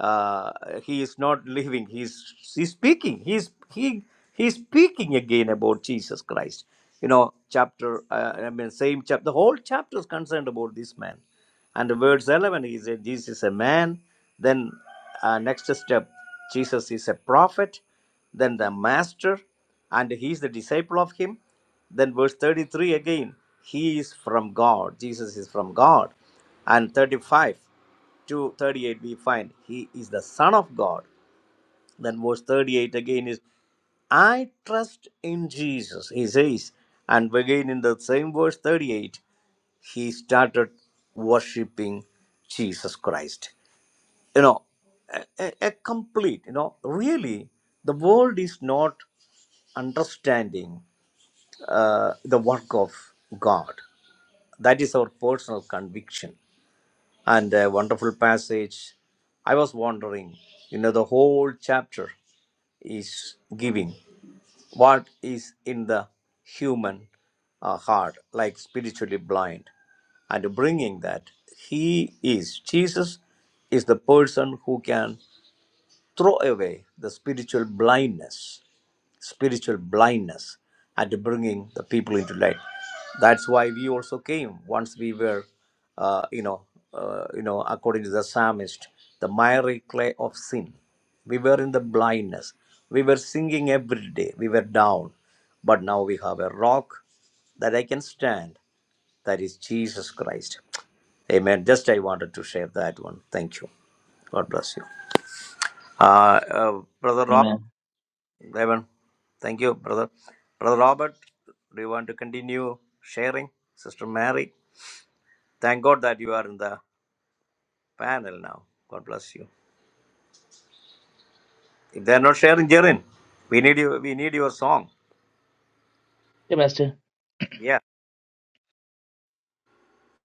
[SPEAKER 3] uh, he is not living. He's he's speaking. He's he he's speaking again about Jesus Christ. You know, chapter uh, I mean, same chapter. The whole chapter is concerned about this man. And verse eleven, he said, "Jesus is a man." Then uh, next step, Jesus is a prophet. Then the master, and he's the disciple of him then verse 33 again, he is from God. Jesus is from God. And 35 to 38 we find he is the son of God. Then verse 38 again is I trust in Jesus, he says. And again in the same verse 38, he started worshiping Jesus Christ. You know, a, a, a complete, you know, really, the world is not understanding uh, the work of God. That is our personal conviction. And a wonderful passage. I was wondering, you know, the whole chapter is giving what is in the human uh, heart, like spiritually blind, and bringing that He is, Jesus is the person who can throw away the spiritual blindness spiritual blindness and bringing the people into light. That's why we also came once we were, uh, you know, uh, you know, according to the psalmist, the miry clay of sin. We were in the blindness. We were singing every day. We were down, but now we have a rock that I can stand. That is Jesus Christ. Amen. Just I wanted to share that one. Thank you. God bless you. Uh, uh, Brother Rob.
[SPEAKER 1] Amen.
[SPEAKER 3] Evan, thank you, brother. Brother Robert, do you want to continue sharing? Sister Mary, thank God that you are in the panel now. God bless you. If they are not sharing, Jerin, we need you. We need your song.
[SPEAKER 1] Okay, Pastor.
[SPEAKER 3] Yeah.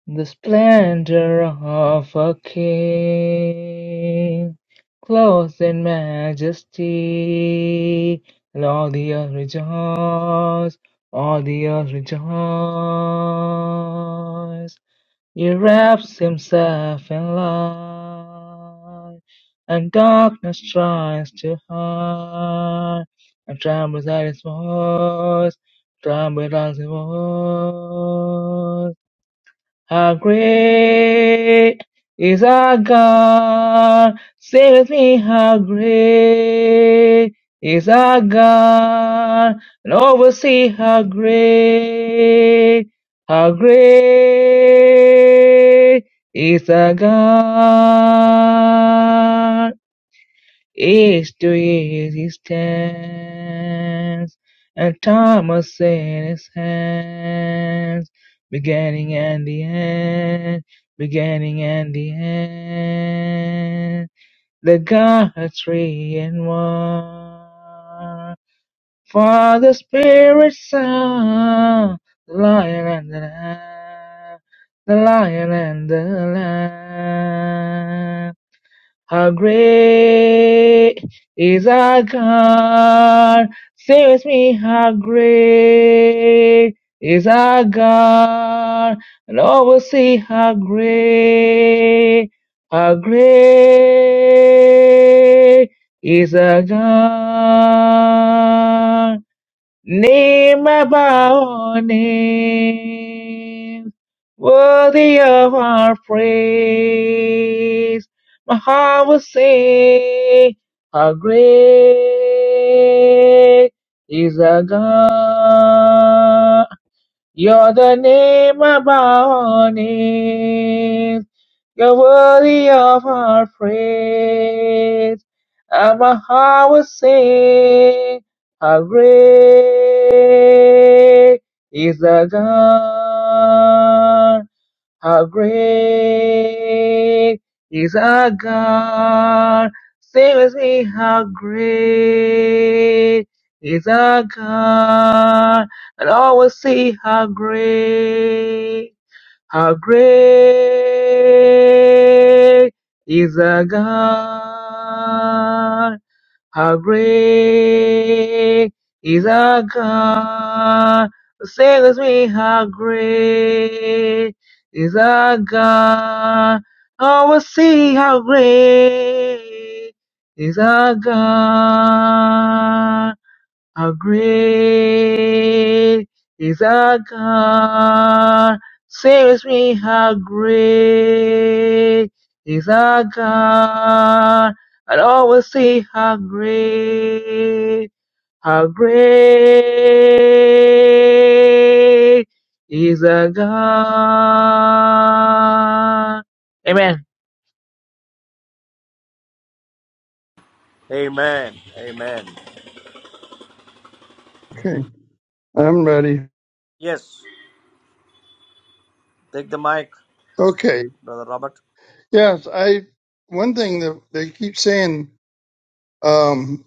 [SPEAKER 1] The splendor of a king, clothed in God, say with me how great is our God, and all will see how great, how great is our God. Age to age he stands, and time was in his hands, beginning and the end, and the end the God three in one. Father, Spirit, Son, the Lion and the Lamb, the Lion and the Lamb. How great is our God? Say with me, how great is our God? And all will see how great, how great is our God. Name above all names, worthy of our praise. My heart will sing, how great is our God. You're the name above names. You're worthy of our praise. And my heart will sing, how great is the God. How great is our God? Sing with me, how great is our God? And all will see how great. How great is our God? How great is our God? Say with me, how great is our God? Oh, we'll see how great is our God. How great is our God? Say with me, how great is our God? I'll always say, how great, how great is our God. Amen.
[SPEAKER 3] Amen. Amen.
[SPEAKER 5] Okay, I'm ready.
[SPEAKER 3] Yes. Take the mic,
[SPEAKER 5] Okay,
[SPEAKER 3] brother Robert.
[SPEAKER 5] yes, I, one thing that they keep saying, um,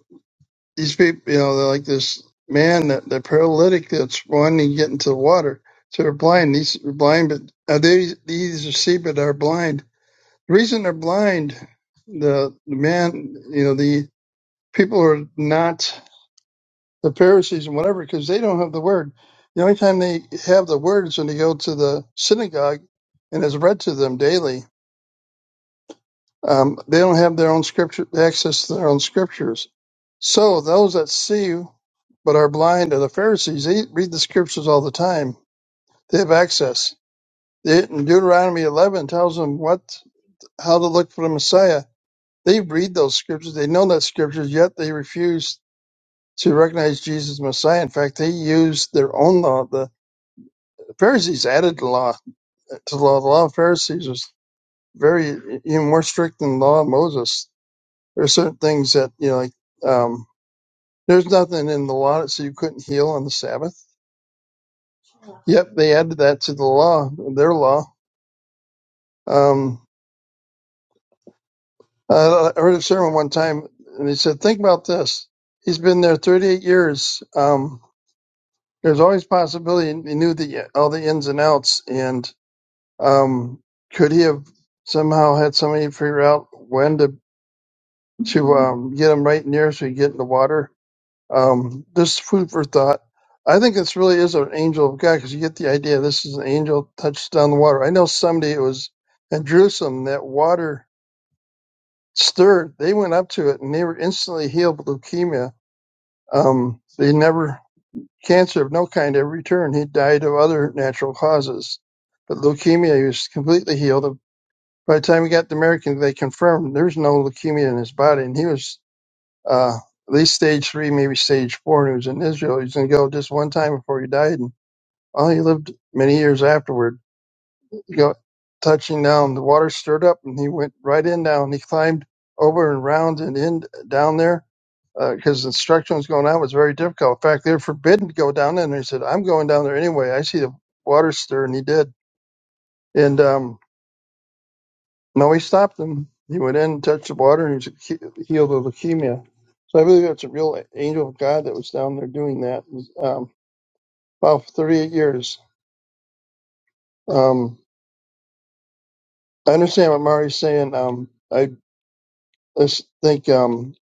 [SPEAKER 5] these people, you know, they're like this man, that the paralytic that's wanting to get into the water. So they're blind, these are blind, but uh, they, these are see, but are blind. The reason they're blind, the, the man, you know, the people are not the Pharisees and whatever, because they don't have the word. The only time they have the word is when they go to the synagogue and it's read to them daily. Um, they don't have their own scripture, access to their own scriptures. So those that see but are blind are the Pharisees. They read the scriptures all the time. They have access. They, Deuteronomy 11 tells them what, how to look for the Messiah. They read those scriptures. They know that scriptures, yet they refuse to recognize Jesus as Messiah. In fact, they use their own law. Pharisees added to law to the law. The law of Pharisees was very even more strict than the law of Moses. There are certain things that you know, like um, there's nothing in the law that said you couldn't heal on the Sabbath. Yep, they added that to the law, their law. Um, I I heard a sermon one time, and he said, "Think about this. He's been there 38 years. Um, there's always possibility he knew the all the ins and outs, and um, could he have somehow had somebody figure out when to?" to um, get them right near, so you get in the water. Um, this food for thought. I think this really is an angel of God because you get the idea this is an angel touched down the water. I know someday it was in Jerusalem that water stirred. They went up to it and they were instantly healed with leukemia. Um, they never, cancer of no kind ever returned. He died of other natural causes. But leukemia, he was completely healed. By the time he got to American, they confirmed there's no leukemia in his body. And he was uh, at least stage three, maybe stage four, and he was in Israel. He was going to go just one time before he died, and well, he lived many years afterward. He got touching down, the water stirred up, and he went right in down. He climbed over and round and in down there because the instruction was going on was very difficult. In fact, they were forbidden to go down there, and he said, "I'm going down there anyway. I see the water stir," and he did. And um, No, he stopped him. He went in, touched the water, and he was healed of leukemia. So I believe that's a real angel of God that was down there doing that It was, um, about 38 years. Um, I understand what Mari's saying. Um, I just think um,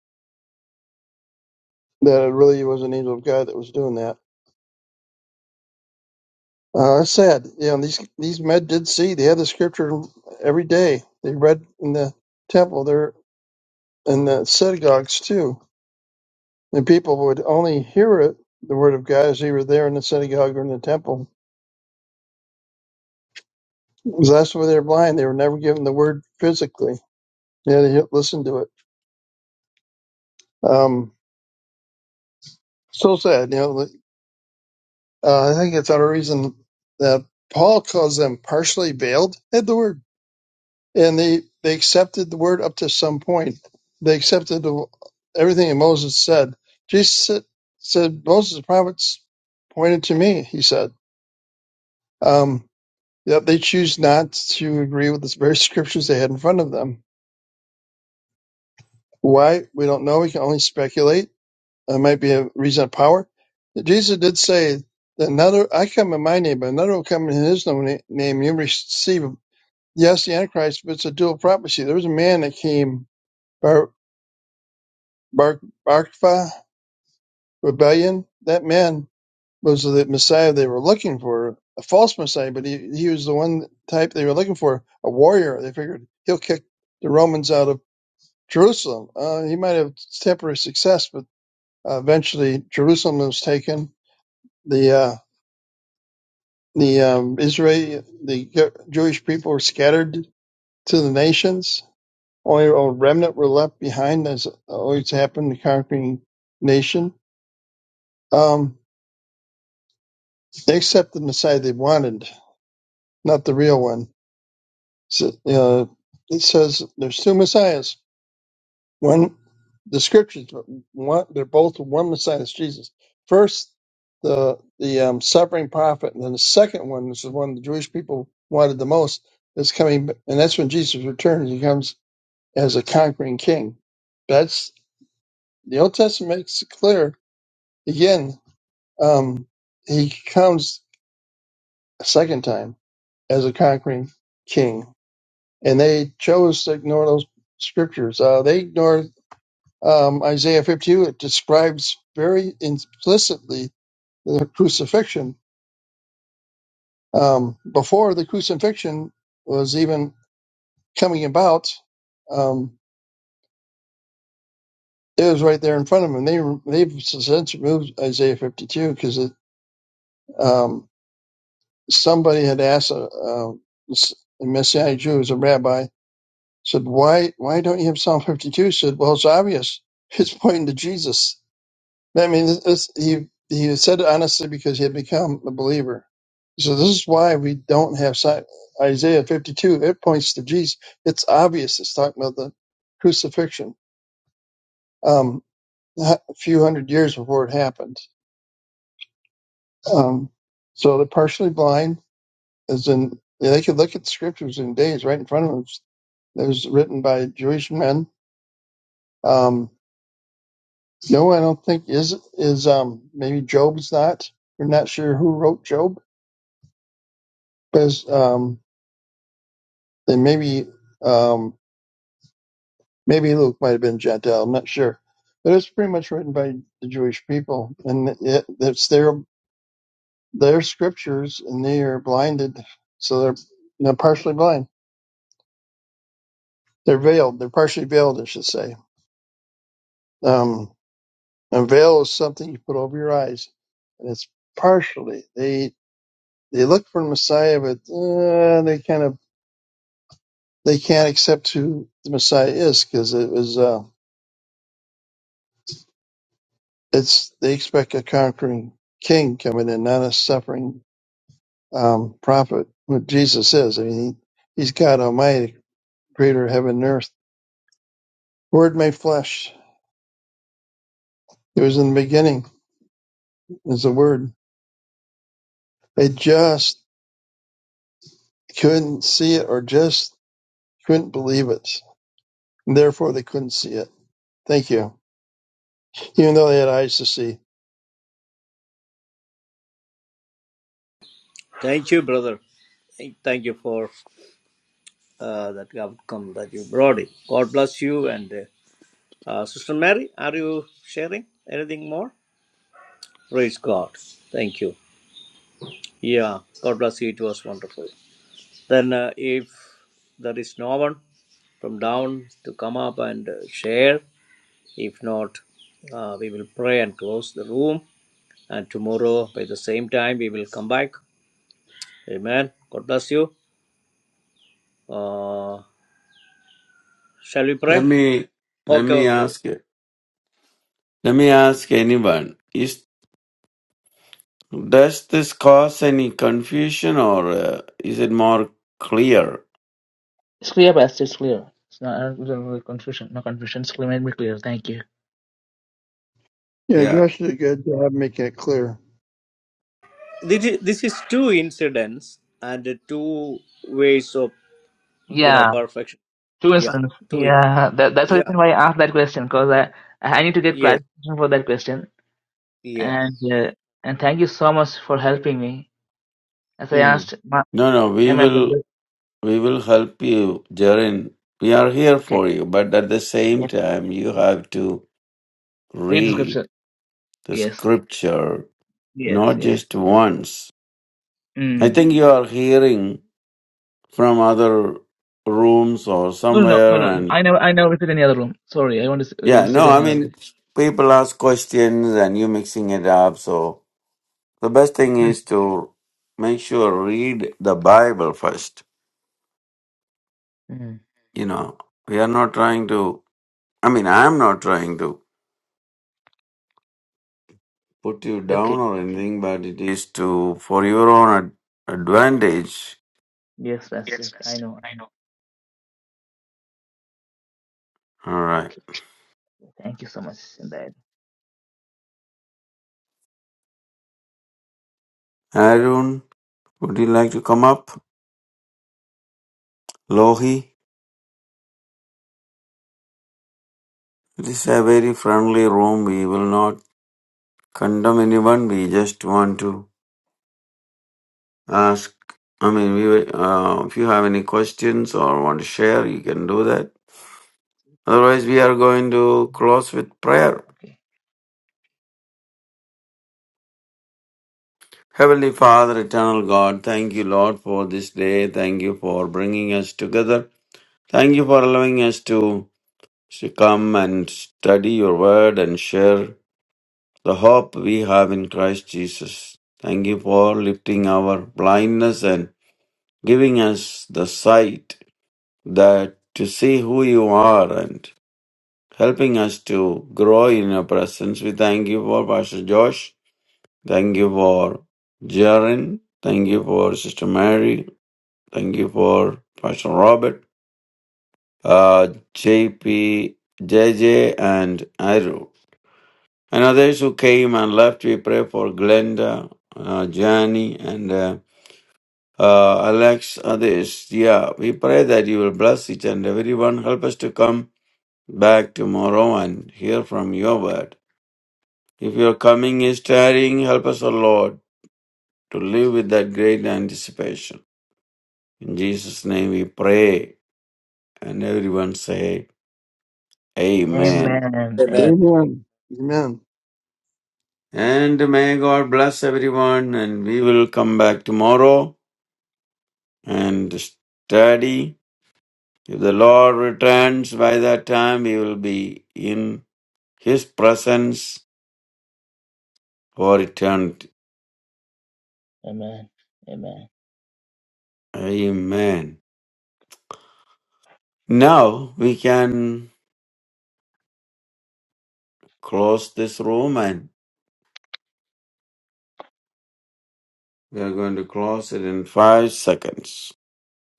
[SPEAKER 5] that it really was an angel of God that was doing that. Uh, it's sad. You know, these these men did see. They had the scripture every day. They read in the temple. They're in the synagogues too. The people would only hear it, the word of God as they were there in the synagogue or in the temple. Because That's why they're blind. They were never given the word physically. Yeah, They had to hear- listen to it. Um, so sad. You know, like, uh, I think it's another reason that Paul calls them partially veiled. They had the word, and they they accepted the word up to some point. They accepted the, everything that Moses said. Jesus said, said Moses' prophets pointed to me. He said. Um, Yep, they choose not to agree with the very scriptures they had in front of them. Why? We don't know. We can only speculate. That might be a reason of power. Jesus did say that another, I come in my name, but another will come in his no- name. You receive, him. yes, the Antichrist, but it's a dual prophecy. There was a man that came, Bar, Bar, Barkva, rebellion. That man was the Messiah they were looking for, a false Messiah, but he, he was the one type they were looking for, a warrior. They figured he'll kick the Romans out of Jerusalem. Uh, he might have temporary success, but uh, eventually Jerusalem was taken. The uh, the um, Israel, the Jewish people were scattered to the nations. Only a remnant were left behind, as always happened in the conquering nation. Um, they accepted the Messiah they wanted, not the real one. So, uh, it says there's two Messiahs One, the scriptures, one, they're both one Messiah, is Jesus. First, the the um, suffering prophet, and then the second one, which is one the Jewish people wanted the most, is coming, and that's when Jesus returns. He comes as a conquering king. That's the Old Testament makes it clear. Again, um, he comes a second time as a conquering king, and they chose to ignore those scriptures. Uh, they ignored um, Isaiah 52, it describes very implicitly the crucifixion. Um, before the crucifixion was even coming about, um, it was right there in front of them. They, they've since removed Isaiah 52 because um, somebody had asked a, a Messianic Jew, who a rabbi, said, why, why don't you have Psalm 52? He said, well, it's obvious. It's pointing to Jesus I mean, this, this, he he said it honestly because he had become a believer. So this is why we don't have si- Isaiah 52. It points to Jesus. It's obvious. It's talking about the crucifixion um, a few hundred years before it happened. Um, so are partially blind as in. They could look at the scriptures in days right in front of them. It was written by Jewish men. Um, no, I don't think is is um, maybe Job's not. We're not sure who wrote Job, because. then maybe um, maybe Luke might have been Gentile. I'm not sure, but it's pretty much written by the Jewish people, and it, it's their their scriptures, and they are blinded, so they're they're partially blind. They're veiled. They're partially veiled, I should say. Um, a veil is something you put over your eyes, and it's partially. They they look for the Messiah, but uh, they kind of they can't accept who the Messiah is because it was. Uh, it's they expect a conquering king coming in, not a suffering um, prophet. What Jesus is, I mean, he, he's God Almighty, Creator of heaven and earth. Word made flesh. It was in the beginning. Is the Word. They just couldn't see it, or just couldn't believe it. And therefore, they couldn't see it. Thank you. Even though they had eyes to see.
[SPEAKER 3] Thank you, brother. Thank thank you for uh, that outcome that you brought in. God bless you. And uh, uh, Sister Mary, are you sharing anything more? Praise God. Thank you. Yeah, God bless you. It was wonderful. Then, uh, if there is no one from down to come up and uh, share, if not, uh, we will pray and close the room. And tomorrow, by the same time, we will come back. Amen. God bless you. Uh, shall we
[SPEAKER 2] Let
[SPEAKER 3] pray?
[SPEAKER 2] me let
[SPEAKER 3] Okay,
[SPEAKER 2] me
[SPEAKER 3] okay.
[SPEAKER 2] ask it. Let me ask anyone. Is does this cause any confusion or uh, is it more clear?
[SPEAKER 1] It's clear, Pastor. It's clear. It's not, I don't- there's no confusion. No confusion. It's clear. Made me clear. Thank you.
[SPEAKER 5] Yeah,
[SPEAKER 2] Yeah.
[SPEAKER 5] Josh did a good job making it clear.
[SPEAKER 3] This is, this is two incidents and uh, two ways of you know
[SPEAKER 1] Yeah.
[SPEAKER 3] perfection.
[SPEAKER 1] Two
[SPEAKER 3] Yeah,
[SPEAKER 1] instance.
[SPEAKER 3] two. in-
[SPEAKER 1] Yeah, that, that's the
[SPEAKER 3] Yeah.
[SPEAKER 1] reason why I asked that question because I I need to get
[SPEAKER 3] Yes.
[SPEAKER 1] clarification for that question.
[SPEAKER 3] Yeah.
[SPEAKER 1] And uh, and thank you so much for helping me. As I asked, my,
[SPEAKER 2] No, no. We
[SPEAKER 1] am I
[SPEAKER 2] will
[SPEAKER 1] blended?
[SPEAKER 2] we will help you, Jaren. We are here
[SPEAKER 1] Okay.
[SPEAKER 2] for you, but at the same
[SPEAKER 1] Yes.
[SPEAKER 2] time, you have to
[SPEAKER 1] Read the
[SPEAKER 2] read
[SPEAKER 1] scripture.
[SPEAKER 2] the
[SPEAKER 1] Yes.
[SPEAKER 2] scripture
[SPEAKER 1] Yes.
[SPEAKER 2] not
[SPEAKER 1] Yes.
[SPEAKER 2] just once. I
[SPEAKER 1] Mm.
[SPEAKER 2] think you are hearing from other rooms or
[SPEAKER 1] No, no, no,
[SPEAKER 2] somewhere,
[SPEAKER 1] no, no. I
[SPEAKER 2] and
[SPEAKER 1] never, I never visit any other room. Sorry, I want to s-
[SPEAKER 2] yeah,
[SPEAKER 1] visit
[SPEAKER 2] no, I
[SPEAKER 1] any other
[SPEAKER 2] mean,
[SPEAKER 1] room.
[SPEAKER 2] people ask questions and you mixing it up. So the best thing is to make sure read the Bible first.
[SPEAKER 1] Mm.
[SPEAKER 2] You know, we are not trying to. I mean, I am not trying to put you
[SPEAKER 1] Okay.
[SPEAKER 2] down or anything, but it is to for your own ad- advantage.
[SPEAKER 1] Yes, that's it. I know. I know.
[SPEAKER 2] All right,
[SPEAKER 1] Okay. Thank you so much, Sindai.
[SPEAKER 2] Arun, would you like to come up? Lohi. It is a very friendly room. We will not condemn anyone. We just want to ask. I mean, we will- uh, if you have any questions or want to share, you can do that. Otherwise, we are going to close with prayer.
[SPEAKER 1] Okay.
[SPEAKER 2] Heavenly Father, eternal God, thank you, Lord, for this day. Thank you for bringing us together. Thank you for allowing us to to come and study your word and share the hope we have in Christ Jesus. Thank you for lifting our blindness and giving us the sight that to see who you are and helping us to grow in your presence. We thank you for Pastor Josh. Thank you for Jaren. Thank you for Sister Mary. Thank you for Pastor Robert, uh, JP, and Iru. And others who came and left, we pray for Glenda, uh, Jani, and uh, Uh, Alex, Adesh, yeah, we pray that you will bless each and everyone. Help us to come back tomorrow and hear from your word. If your coming is tiring, help us, O Lord, to live with that great anticipation. In Jesus' name we pray, and everyone say, Amen.
[SPEAKER 1] Amen.
[SPEAKER 3] Mm.
[SPEAKER 1] Amen.
[SPEAKER 5] Amen. Amen.
[SPEAKER 2] And may God bless everyone, and we will come back tomorrow and study. If the Lord returns by that time, we will be in His presence for eternity.
[SPEAKER 1] Amen. Amen.
[SPEAKER 2] Amen. Now we can close this room and we are going to close it in five seconds.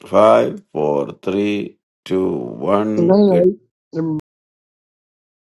[SPEAKER 2] Five, four, three, two,
[SPEAKER 5] Good
[SPEAKER 2] one.
[SPEAKER 5] night. everybody.